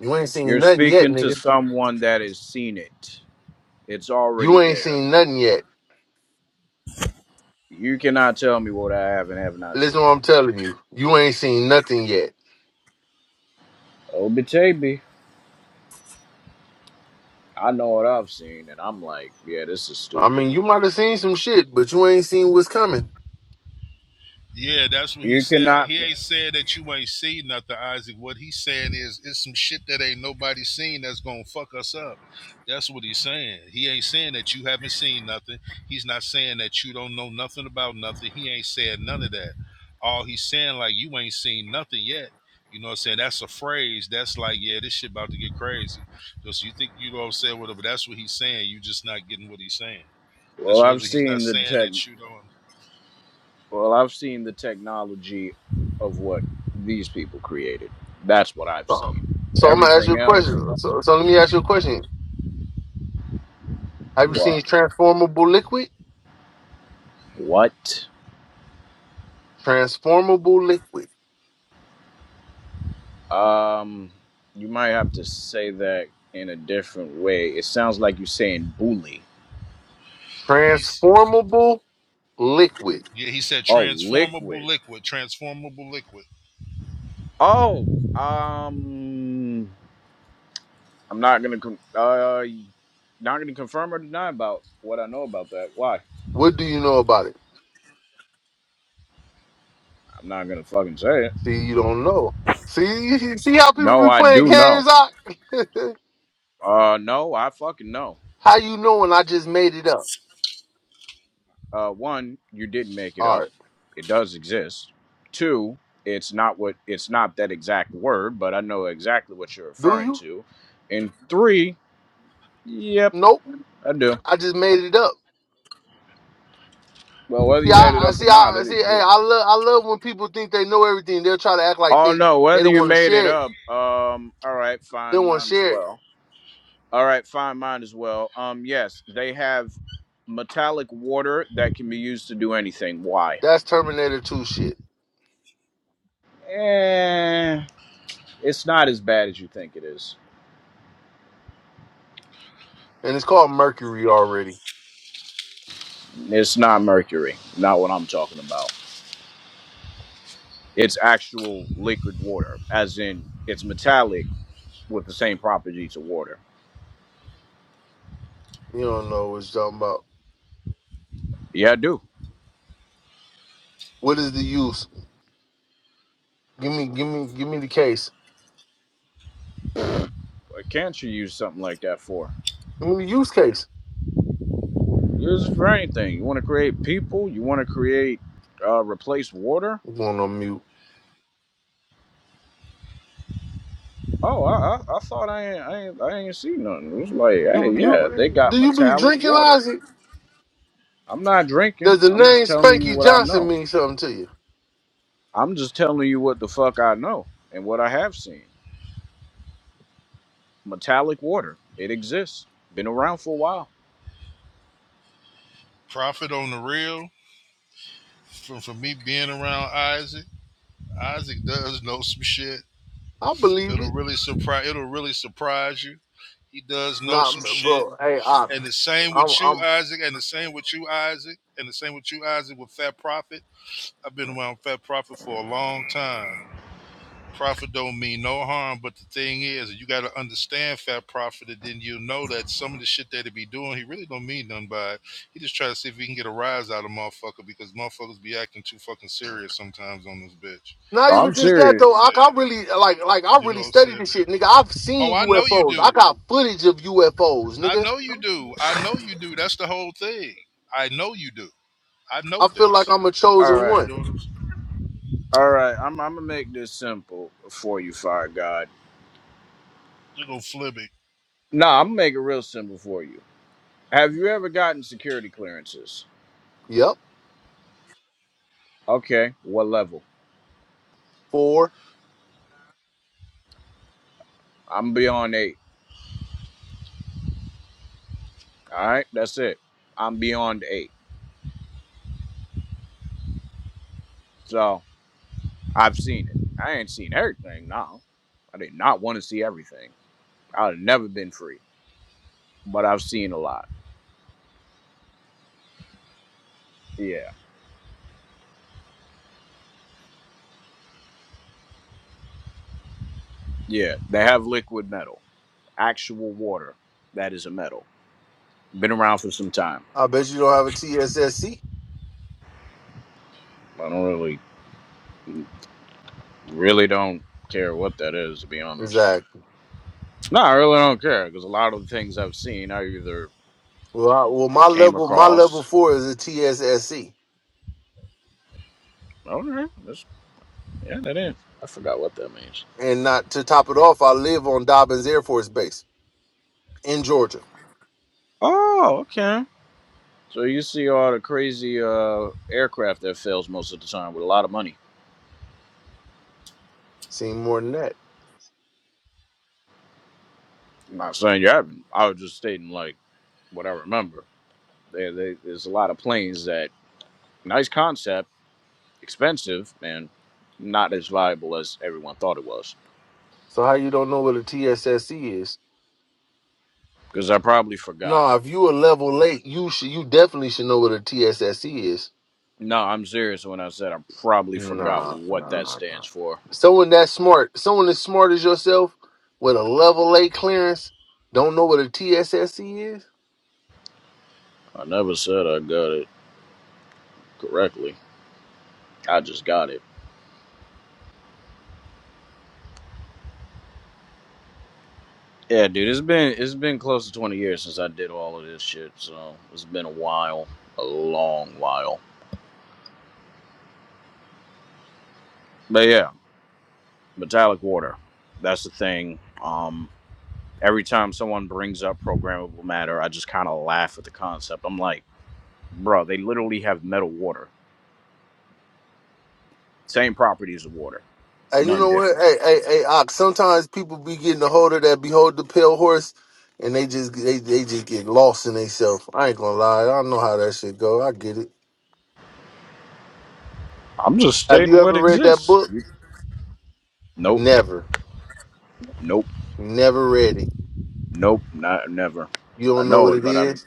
You ain't You're seen nothing yet, speaking to nigga. someone that has seen it. It's already You ain't there. seen nothing yet. You cannot tell me what I have and have not Listen, to seen. what I'm telling you. You ain't seen nothing yet. Obitabi. I know what I've seen, and I'm like, yeah, this is I stupid. mean, you might have seen some shit, but you ain't seen what's coming. Yeah, that's what he You said. cannot. He ain't said that you ain't seen nothing, Isaac. What he's saying is it's some shit that ain't nobody seen that's gonna fuck us up. That's what he's saying. He ain't saying that you haven't seen nothing. He's not saying that you don't know nothing about nothing. He ain't said none of that. All he's saying, like you ain't seen nothing yet. You know what I'm saying? That's a phrase. That's like, yeah, this shit about to get crazy. Just you think you know what I'm saying, whatever. That's what he's saying. You just not getting what he's saying. Well, That's I've literally he's not seen the saying tech. that you don't Well, I've seen the technology of what these people created. That's what I've seen. So, so I'm gonna ask you Everything a question. else, So, so let me I ask you a don't question. Have you know. Why? seen transformable liquid? What? Transformable liquid. Um, you might have to say that in a different way. It sounds like you're saying bully. he's Transformable liquid. Yeah, he said Oh, transformable liquid. liquid, transformable liquid. Oh, um, I'm not gonna com- uh, not gonna confirm or deny about what I know about that. Why? What do you know about it? I'm not gonna fucking say it. See, you don't know. See, see how people No, be I playing do know. games out. Uh, no, I fucking know. how you know? And I just made it up. uh, one, you didn't make it All up; right. it does exist. Two, it's not what it's not that exact word, but I know exactly what you're Do referring you? to. And three, yep, Nope. I do. I just made it up. Well, whether See, you made I it I- up or see, not, I it see. Hey, exists. I love, I love when people think they know everything. They'll try to act like Oh they no, they whether don't you want to made it share it. up, um, all right, They fine, don't want to mine as share it. well. All right, fine, mine as well. Um, yes, they have metallic water that can be used to do anything. Why? That's Terminator Two shit, Eh, it's not as bad as you think it is. and it's called Mercury already. It's not mercury, not what I'm talking about. It's actual liquid water, as in it's metallic with the same properties of water. You don't know what you're talking about. Yeah, I do. What is the use? Give me, give me, give me the case. What can't you use something like that for? Give me the use case. Use it for anything. You want to create people? You want to create, uh, replace water? I'm going on mute. Oh, I, I, I thought I ain't, I ain't, I ain't see nothing. It was like, hey, You, yeah, they you, got do you be metallic drinking, water. Isaac? I'm not drinking. Does the I'm name just telling you Spanky what I Johnson know. mean something to you? I'm just telling you what the fuck I know and what I have seen. metallic water. It exists. Been around for a while. Profit on the real from from me being around Isaac. Isaac does know some shit. I believe It'll it. really surprise. It'll really surprise you. He does know Nah, some shit. bro. Hey, I, And the same with I'm, you, I'm Isaac. And the same with you, Isaac. And the same with you, Isaac. With Fat Prophet. I've been around Fat Prophet for a long time. profit don't mean no harm, but the thing is, you got to understand fat profit, and then you'll know that some of the shit that he be doing, he really don't mean nothing by it. He just try to see if he can get a rise out of motherfucker because motherfuckers be acting too fucking serious sometimes on this bitch. Not even I'm You just know that what serious. I'm though. I, I saying? really like like I You know really what I'm studied saying? this shit, nigga. I've Oh, seen I know you UFOs. I do. got footage of UFOs, I nigga. know you do. I know you do. That's the whole thing. I know you do. I know I feel like this. I'm a All chosen right. You one. know what I'm saying? All right. I'm I'm gonna make this simple for you, Fire God. Look on Fleming. Nah, I'm gonna make it real simple for you. Have you ever gotten security clearances? Yep. Okay, what level? Four. I'm beyond eight. All right, that's it. I'm beyond eight. So I've seen it. I ain't seen everything No, I did not want to see everything. I'd have never been free. But I've seen a lot. Yeah. Yeah. They have liquid metal. actual water that is a metal. Been around for some time. I bet you don't have a TSSC. I don't really, really don't care what that is, to be honest. Exactly. No, I really don't care because a lot of the things I've seen, I either Well, I, well, my came level, my across. level four is a TSSC, Okay, that's yeah, that is. I forgot what that means. and not to top it off, I live on Dobbins Air Force Base in Georgia. Oh, okay. So you see all the crazy uh, aircraft that fails most of the time with a lot of money. Seen more than that. I'm not saying you haven't. I was just stating like what I remember. There, there- there's a lot of planes that nice concept expensive and not as viable as everyone thought it was. So how you don't know what a TSSC is? Because I probably forgot. No, if you a level late, you should, you definitely should know what a TSSC is. No, I'm serious when I said I probably forgot Nah, what nah, that nah. nah. stands for. Someone that smart, someone as smart as yourself with a level A clearance, don't know what a TSSC is. I never said I got it correctly. I just got it. Yeah, dude, it's been it's been close to 20 years since I did all of this shit, so it's been a while, a long while. But yeah, metallic water. That's the thing. Um every time someone brings up programmable matter, I just kind of laugh at the concept. I'm like bro, they literally have metal water. Same properties of water, And you none know what? different. Hey, hey, hey, Ox, sometimes people be getting a hold of that behold the pale horse and they just they, they just get lost in themselves. I ain't gonna lie, I know how that shit go. I get it. I'm just Have stating you what ever read that exists. book? You- Nope, Never. nope, Never read it. nope, not never. You I don't know know what it, it but I is?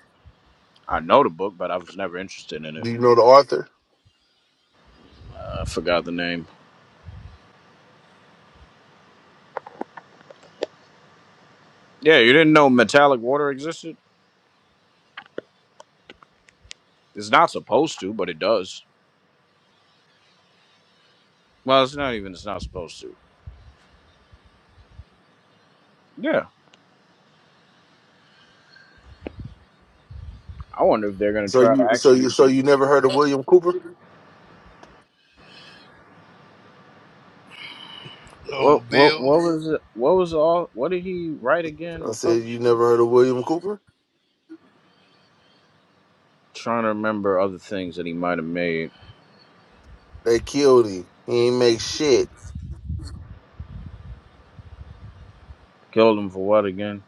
I know the book, but I was never interested in it. Do you know the author? Uh, I forgot the name. Yeah, you didn't know metallic water existed. It's not supposed to, but it does. Well, it's not even. It's not supposed to. Yeah, I wonder if they're gonna So try to you so you actually. so you never heard of William Cooper? What Oh, what Bill. what was it? What was all? What did he write again I or said publish you again? never heard of William Cooper? Trying to remember other things that he might have made. They killed him. He ain't make shit. Killed him for what again?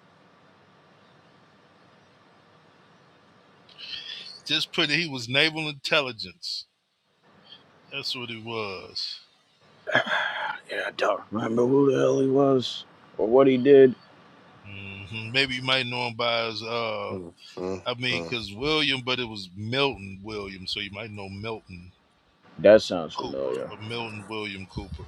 Just put it. He was naval intelligence. That's what it was. yeah, I don't remember who the hell he was or what he did. hmm Maybe you might know him by his, uh, Mm, mm, I mean, mm. because William, but it was Milton Williams, so you might know Milton That sounds Cooper familiar. or Milton William Cooper.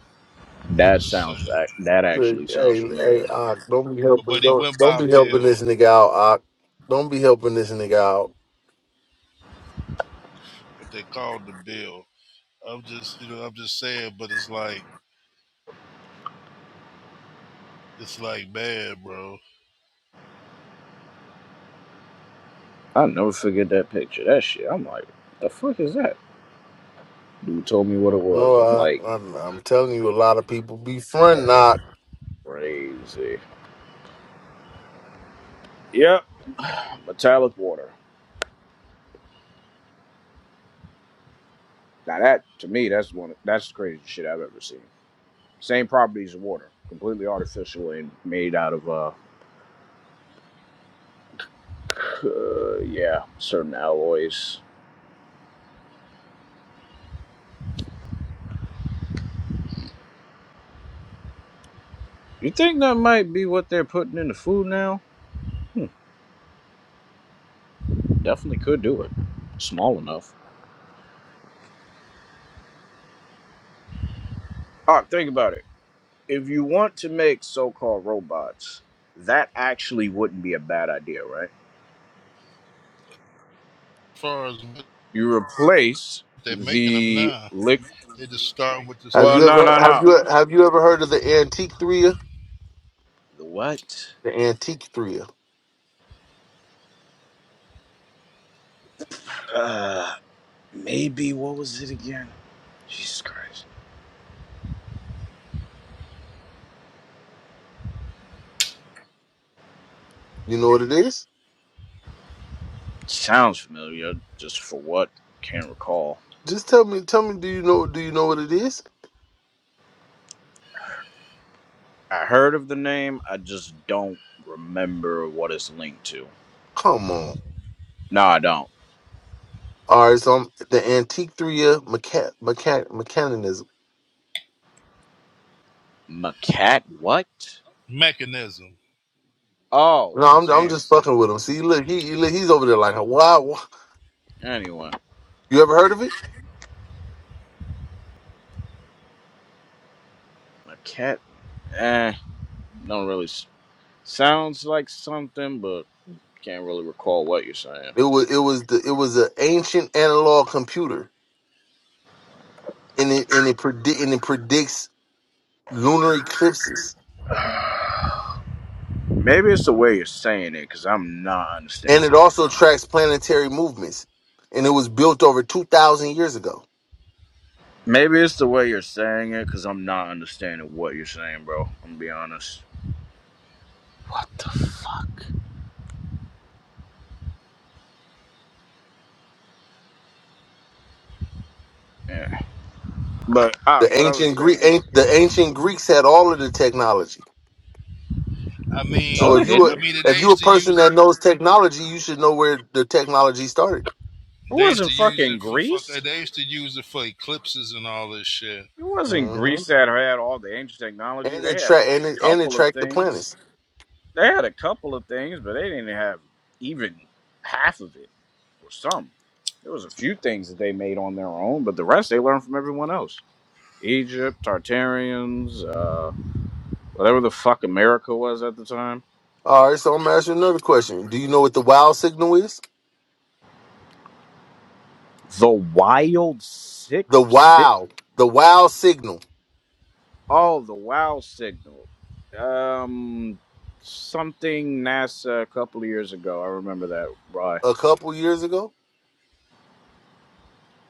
I'm That just sounds saying. ac- that Look, actually sounds hey, hey, familiar. Ock, don't be But, helping. but he Don't went don't by be helping Bill, this nigga out, Ock. Don't be helping this nigga out. but they called the Bill. I'm just, you know, I'm just saying, but it's like, it's like bad, bro. As I never forget that picture. That shit. I'm like, the fuck is that? Dude told me what it was. No, I'm Ock, like, I'm, I'm telling you, a lot of people be fronting, that is Ock. crazy. Yep. Metallic water. Now that to me, that's one. Of, that's the craziest shit I've ever seen. Same properties of water, completely artificial and made out of uh, uh yeah, certain alloys You think that might be what they're putting in the food now? Hmm, definitely could do it. Small enough. All right, think about it. If you want to make so called robots, that actually wouldn't be a bad idea, right? far as what You replace they're making them the now, lick. they just start with the Have stuff. Well, you They no, ever no, have no. you have you ever heard of the antique threa? The what? The antique threa. Uh, maybe what was it again? Jesus Christ. You know what it is? Sounds familiar. Just for what? Can't recall. Just tell me, tell me. Do you know? Do you know what it is? I heard of the name. I just don't remember what it's linked to. Come on. No, I don't. All right, so I'm, the antique threa mecha- mecha- mechanism. Macat what? mechanism. Oh, No, I'm That's what I'm it damn. just said. fucking with him. See, look, he, he look, he's over there like, wow. Anyway, You ever heard of it? Macat. Eh, don't really. s- Sounds like something, but can't really recall what you're saying. It was it was the it was an ancient analog computer, and it and it predict and it predicts lunar eclipses, Maybe it's the way you're saying it, because I'm not and understanding it what you're also saying. tracks planetary movements, and it was built over two thousand years ago. Maybe it's the way you're saying it, because I'm not understanding what you're saying, bro. I'm gonna be honest. What the fuck? Yeah. But, ah, The what I was ancient Greek, saying. an, the ancient Greeks had all of the technology. I No, So mean, they if you didn't. were I mean, if they you're a used to person use it. that knows technology, you should know where the technology started. It They used to wasn't use fucking it for fuck. Greece. They used to use it for eclipses and all this shit. It wasn't hmm And Greece that had all the ancient technology. They it had a track and it and it couple of tracked the things. planets. They had a couple of things, but they didn't have even half of it or some. There was a few things that they made on their own, but the rest they learned from everyone else. Egypt, Tartarians, uh, whatever the fuck America was at the time. All right, so I'm gonna ask you another question. Do you know what the wow signal is? The wild sick, The sick. wow, the wow signal. Oh, the wow signal. Um, something NASA a couple of years ago. I remember that. Right. A couple years ago,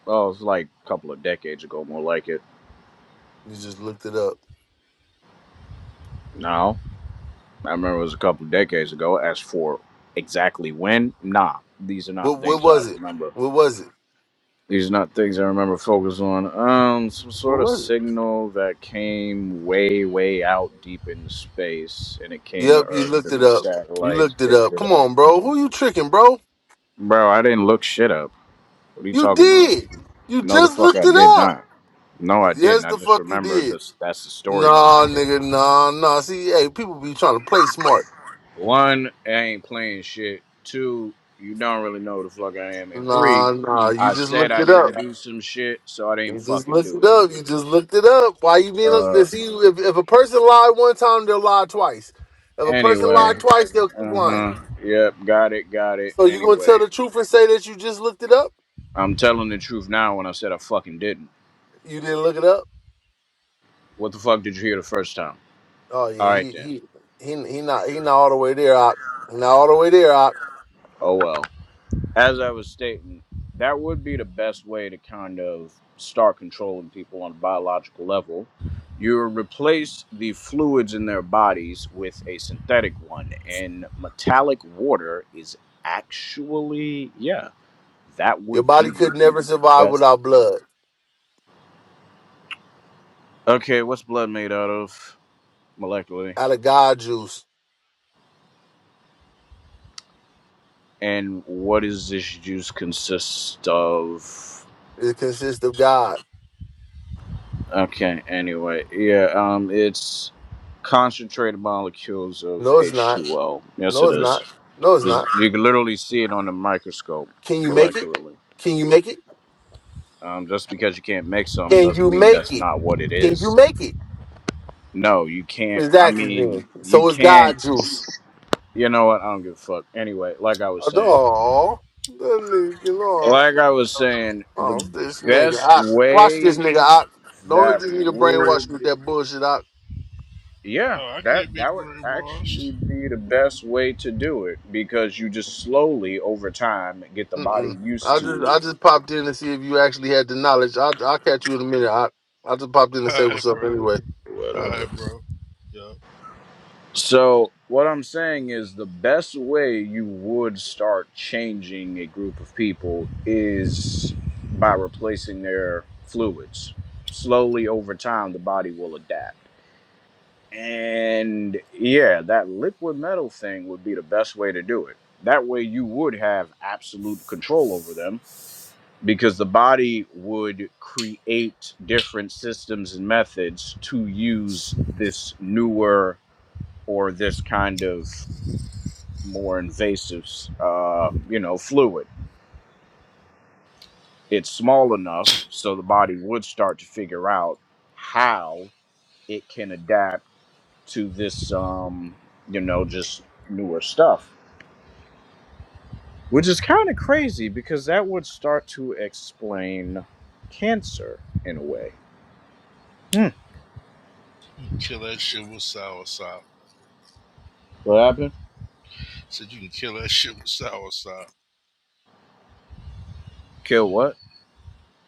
Well, it was like a couple of decades ago, more like it. you just looked it up. No, I remember it was a couple of decades ago. As for exactly when, nah, these are not What what things I was it? remember. What was it? These are not things I remember focus on. Um, some What sort of was it? signal that came way, way out deep in space, and it came to Yep, you Earth, looked and it the up. You satellites looked it picked up. it Come up. on, bro. Who you tricking, bro? Bro, I didn't look shit up. What are you You talking about? did. You No, the just fuck, looked I it did up. not. No, I Yes, didn't. I the just fuck you remember did. this. That's the story Nah, behind it. nigga, nah, nah. See, hey, people be trying to play smart. One, I ain't playing shit. Two, you don't really know who the fuck I am. And three, Nah, nah. You I just said looked I it up. didn't do some shit, so I didn't You just fucking looked do it it. up. You just looked it up. Why you being up Uh, to see if, if a person lied one time, they'll lie twice. If a person anyway, lied twice, they'll keep uh lying. huh. Yep, got it, got it. So you gonna tell Anyway, the truth and say that you just looked it up? I'm telling the truth now when I said I fucking didn't. You didn't look it up? What the fuck did you hear the first time? Oh All yeah, right he then. he he he not he not all the way there. Out not all the way there. Out Oh well. as I was stating, that would be the best way to kind of start controlling people on a biological level. You replace the fluids in their bodies with a synthetic one, and metallic water is actually, yeah, that your would be body could never the survive best. without blood. Okay, what's blood made out of molecularly? Out of God juice, And what does this juice consist of it consists of God. Okay, anyway, yeah, um, it's concentrated molecules of No, it's not. H2O. Yes, No, it it's is. not. No, it's It's- not. You can literally see it on the microscope Can you make it? molecularly. Can you make it? Um, just because you can't make something Can doesn't you mean make that's it? not what it Can you is. make it? No, you can't. I Exactly. mean, Then. you So it's can't. God juice. You know what? I don't give a fuck. Anyway, like I was saying, Oh, that nigga, no. like I was saying, the Oh, this nigga. best I, watch this way nigga. I, don't let that this nigga brainwash would. you with that bullshit. I, Yeah, Oh, I can't that be that would actually brainwashed. be the best way to do it because you just slowly over time get the body mm-mm. used I just, to I just popped in to see if you actually had the knowledge. I, I'll catch you in a minute. I, I just popped in to All say right, what's up bro. anyway. All Uh, whatever. right, bro. Yeah, So, what I'm saying is the best way you would start changing a group of people is by replacing their fluids. Slowly over time the body will adapt. And yeah, that liquid metal thing would be the best way to do it. That way you would have absolute control over them because the body would create different systems and methods to use this newer or this kind of more invasive uh, you know fluid it's small enough so the body would start to figure out how it can adapt to this um, you know just newer stuff which is kind of crazy because that would start to explain cancer in a way hmm. kill that shit with soursop. what happened Said you can kill that shit with soursop. kill what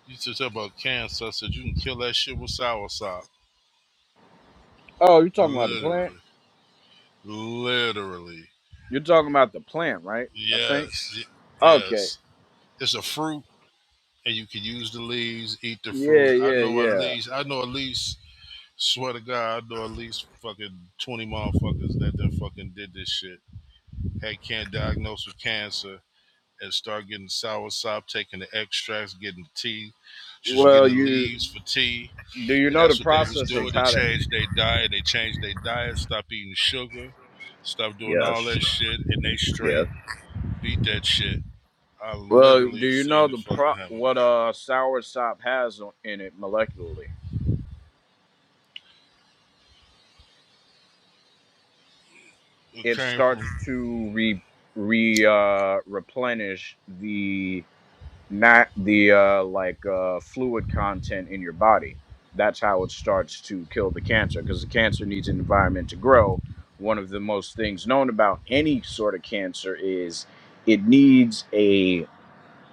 You used to talk about cancer. I said you can kill that shit with soursop. Oh, you're talking about the plant? Literally, literally. You're talking about the plant, right? I think. Yes, Okay. yes. It's a fruit, and you can use the leaves. Eat the Yeah, fruit. I yeah, know at yeah. least. I know at least Swear to God, I know at least fucking 20 motherfuckers that done fucking did this shit. Had can't diagnosed with cancer and start getting soursop, taking the extracts, getting the tea. She was Well, getting the you leaves for tea. do you And know the that's what they was process of doing. They how to? changed their diet. They changed their diet, stop eating sugar, stop doing all Yes. that shit, and they Yes. straight beat that shit. I Well, do literally you know seen the it fucking pro happen. what uh soursop has on- in it molecularly? It It came from starts to re re uh replenish the not the uh, like uh, fluid content in your body. That's how it starts to kill the cancer because the cancer needs an environment to grow. One of the most things known about any sort of cancer is it needs a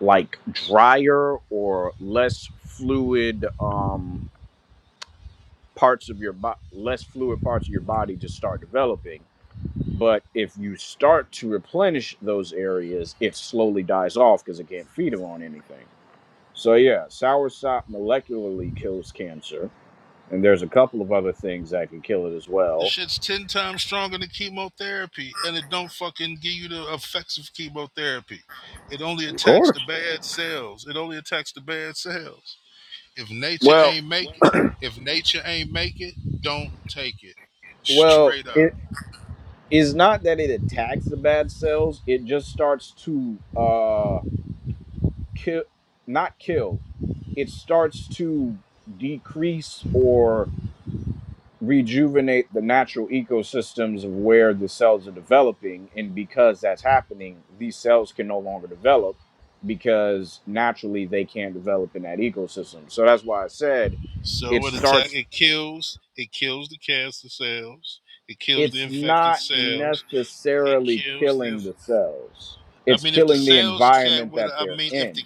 like drier or less fluid um, parts of your body, less fluid parts of your body to start developing. But if you start to replenish those areas, it slowly dies off because it can't feed on anything so yeah, soursop molecularly kills cancer, and there's a couple of other things that can kill it as The well. shit's ten times stronger than chemotherapy, and it don't fucking give you the effects of chemotherapy. It only Of attacks the course. bad cells. It only attacks the bad cells. If nature Well, ain't make it, if nature ain't make it, don't take it. well, Straight it up. is not that it attacks the bad cells; it just starts to uh kill, not kill. It starts to decrease or rejuvenate the natural ecosystems of where the cells are developing. And because that's happening, these cells can no longer develop because naturally they can't develop in that ecosystem. So that's why I said it So it attack. starts, It kills. It kills the cancer cells. It kills the it's infected not cells. It necessarily kills the. killing the cells, I it's mean, if the killing the cells can't. environment that I they're mean, if in. the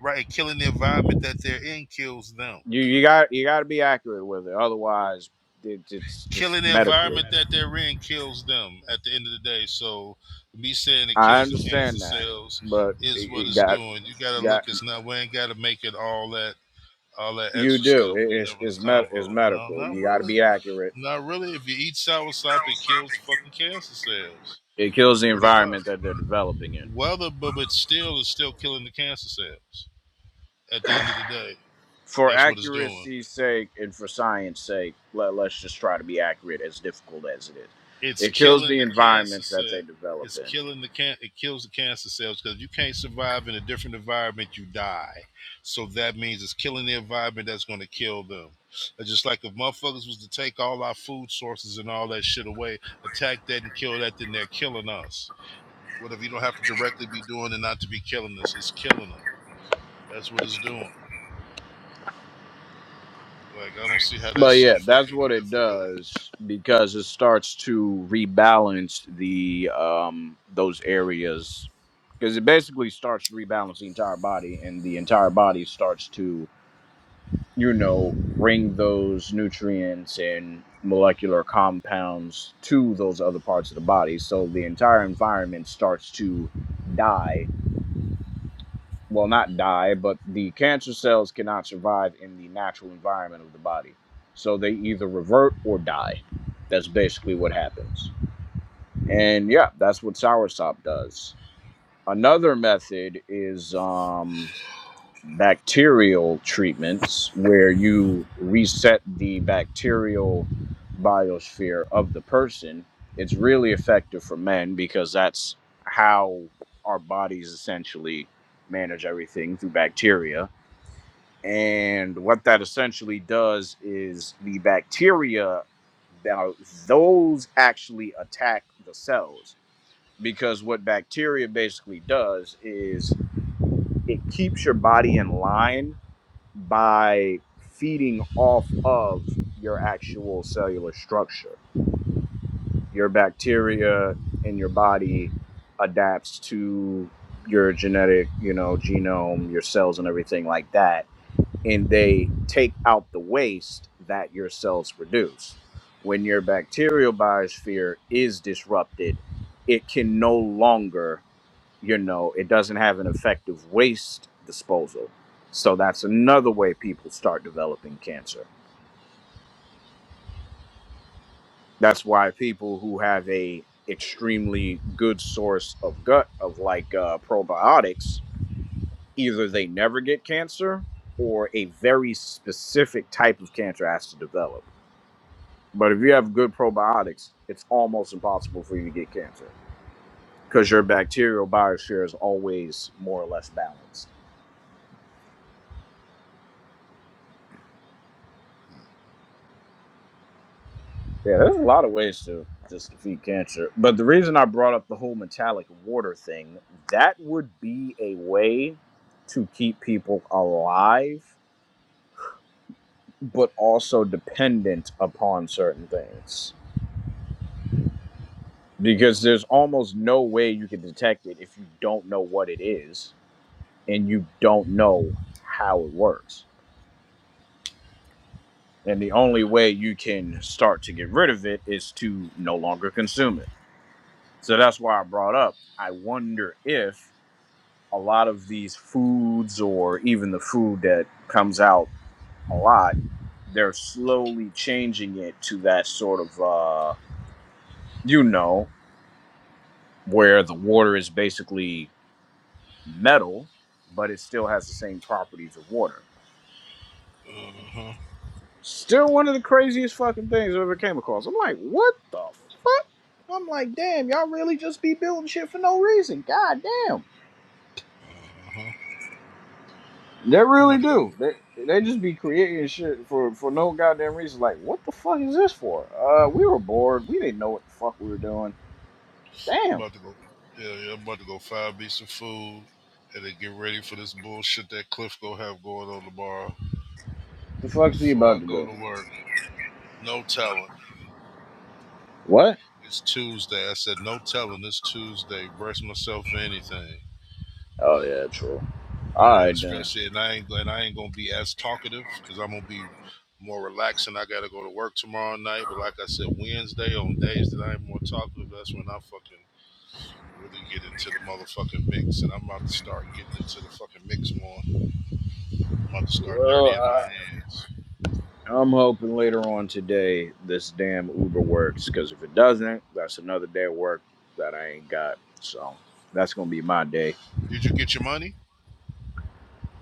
right killing the environment that they're in kills them You, you got you got to be accurate with it, otherwise it, it's just killing the medically. environment that they're in kills them at the end of the day. So me saying it I kills the cancer understand that, cells but is it, what it it's got doing. You gotta got. look, it's not we ain't gotta make it all that all that You extra do. stuff. It We is having is a med- convo. is No, medical. not You got to really. be accurate. Not really. If you eat soursop, it kills fucking cancer cells. It kills the Pretty environment much. that they're developing in. Whether but but still it's still killing the cancer cells at the end of the day. For That's what it's doing. accuracy's sake and for science sake, let, let's just try to be accurate as difficult as it is. it's It kills killing the the cancer environment that cell. they develop It's in. killing the can. It kills the cancer cells because you can't survive in a different environment. You die. So that means it's killing the environment that's going to kill them. It's just like if motherfuckers was to take all our food sources and all that shit away, attack that and kill that, then they're killing us. Whatever you don't have to directly be doing and not to be killing us? It's killing them. That's what it's doing. Like I don't see how that's But yeah, so that's fucking what it difficult. does because it starts to rebalance the um those areas because it basically starts to rebalance the entire body and the entire body starts to you know, bring those nutrients and molecular compounds to those other parts of the body. So the entire environment starts to die. Well, not die, but the cancer cells cannot survive in the natural environment of the body. So they either revert or die. That's basically what happens. And yeah, that's what soursop does. Another method is um bacterial treatments where you reset the bacterial biosphere of the person, it's really effective for men because that's how our bodies essentially manage everything through bacteria. And what that essentially does is the bacteria, now, those actually attack the cells. Because what bacteria basically does is it keeps your body in line by feeding off of your actual cellular structure. Your bacteria in your body adapts to your genetic, you know, genome, your cells and everything like that, and they take out the waste that your cells produce. When your bacterial biosphere is disrupted, it can no longer you know, it doesn't have an effective waste disposal. So that's another way people start developing cancer. That's why people who have a extremely good source of gut of like uh, probiotics, either they never get cancer or a very specific type of cancer has to develop. But if you have good probiotics, it's almost impossible for you to get cancer because your bacterial biosphere is always more or less balanced. Yeah, there's a lot of ways to just defeat cancer. But the reason I brought up the whole metallic water thing, that would be a way to keep people alive, but also dependent upon certain things. Because there's almost no way you can detect it if you don't know what it is and you don't know how it works. And the only way you can start to get rid of it is to no longer consume it. So that's why I brought up. I wonder if a lot of these foods or even the food that comes out a lot, they're slowly changing it to that sort of, uh, you know, where the water is basically metal, but it still has the same properties of water. Uh huh. Still one of the craziest fucking things I ever came across. I'm like, what the fuck? I'm like, damn, y'all really just be building shit for no reason. God damn. Uh huh. They I'm really about to go do. They they just be creating shit for for no goddamn reason. Like, what the fuck is this for? Uh, we were bored. We didn't know what the fuck we were doing. Damn. About to go. Yeah, yeah. I'm about to go find me some food and then get ready for this bullshit that Cliff gonna have going on tomorrow The fuck's he before about I to go do? to work. No telling. What? It's Tuesday. I said no telling. It's Tuesday. Brace myself for anything. Oh yeah, true. All Yeah, right then. especially and I ain't and I ain't gonna be as talkative because I'm gonna be more relaxed and I gotta go to work tomorrow night. But like I said, Wednesday on days that I ain't more talkative, that's when I fucking really get into the motherfucking mix and I'm about to start getting into the fucking mix more. I'm about to start Well, dirtying my uh, hands. I'm hoping later on today this damn Uber works. Cause if it doesn't, that's another day of work that I ain't got. So that's gonna be my day. Did you get your money?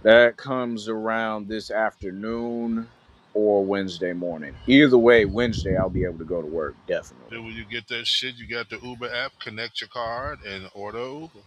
That comes around this afternoon or Wednesday morning. Either way, Wednesday I'll be able to go to work, definitely. Then when you get that shit, you got the Uber app, connect your card and order Uber.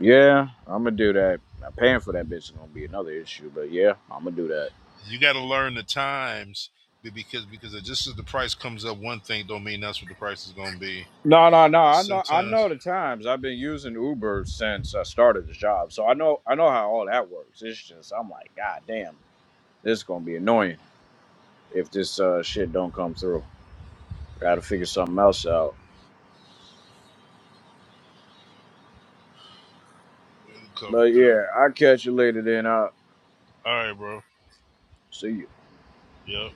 Yeah, I'm gonna do that. Now, paying for that bitch is gonna be another issue, but yeah, I'm gonna do that. You got to learn the times because because just as the price comes up, one thing don't mean that's what the price is gonna be. No, no, no. I It's know, I Sometimes know the times. I've been using Uber since I started the job, so I know, I know how all that works. It's just, I'm like, God damn, this is gonna be annoying if this uh, shit don't come through. Got to figure something else out. it'll come But through. yeah, I will catch you later. Then I will All right, bro. see you. Yep.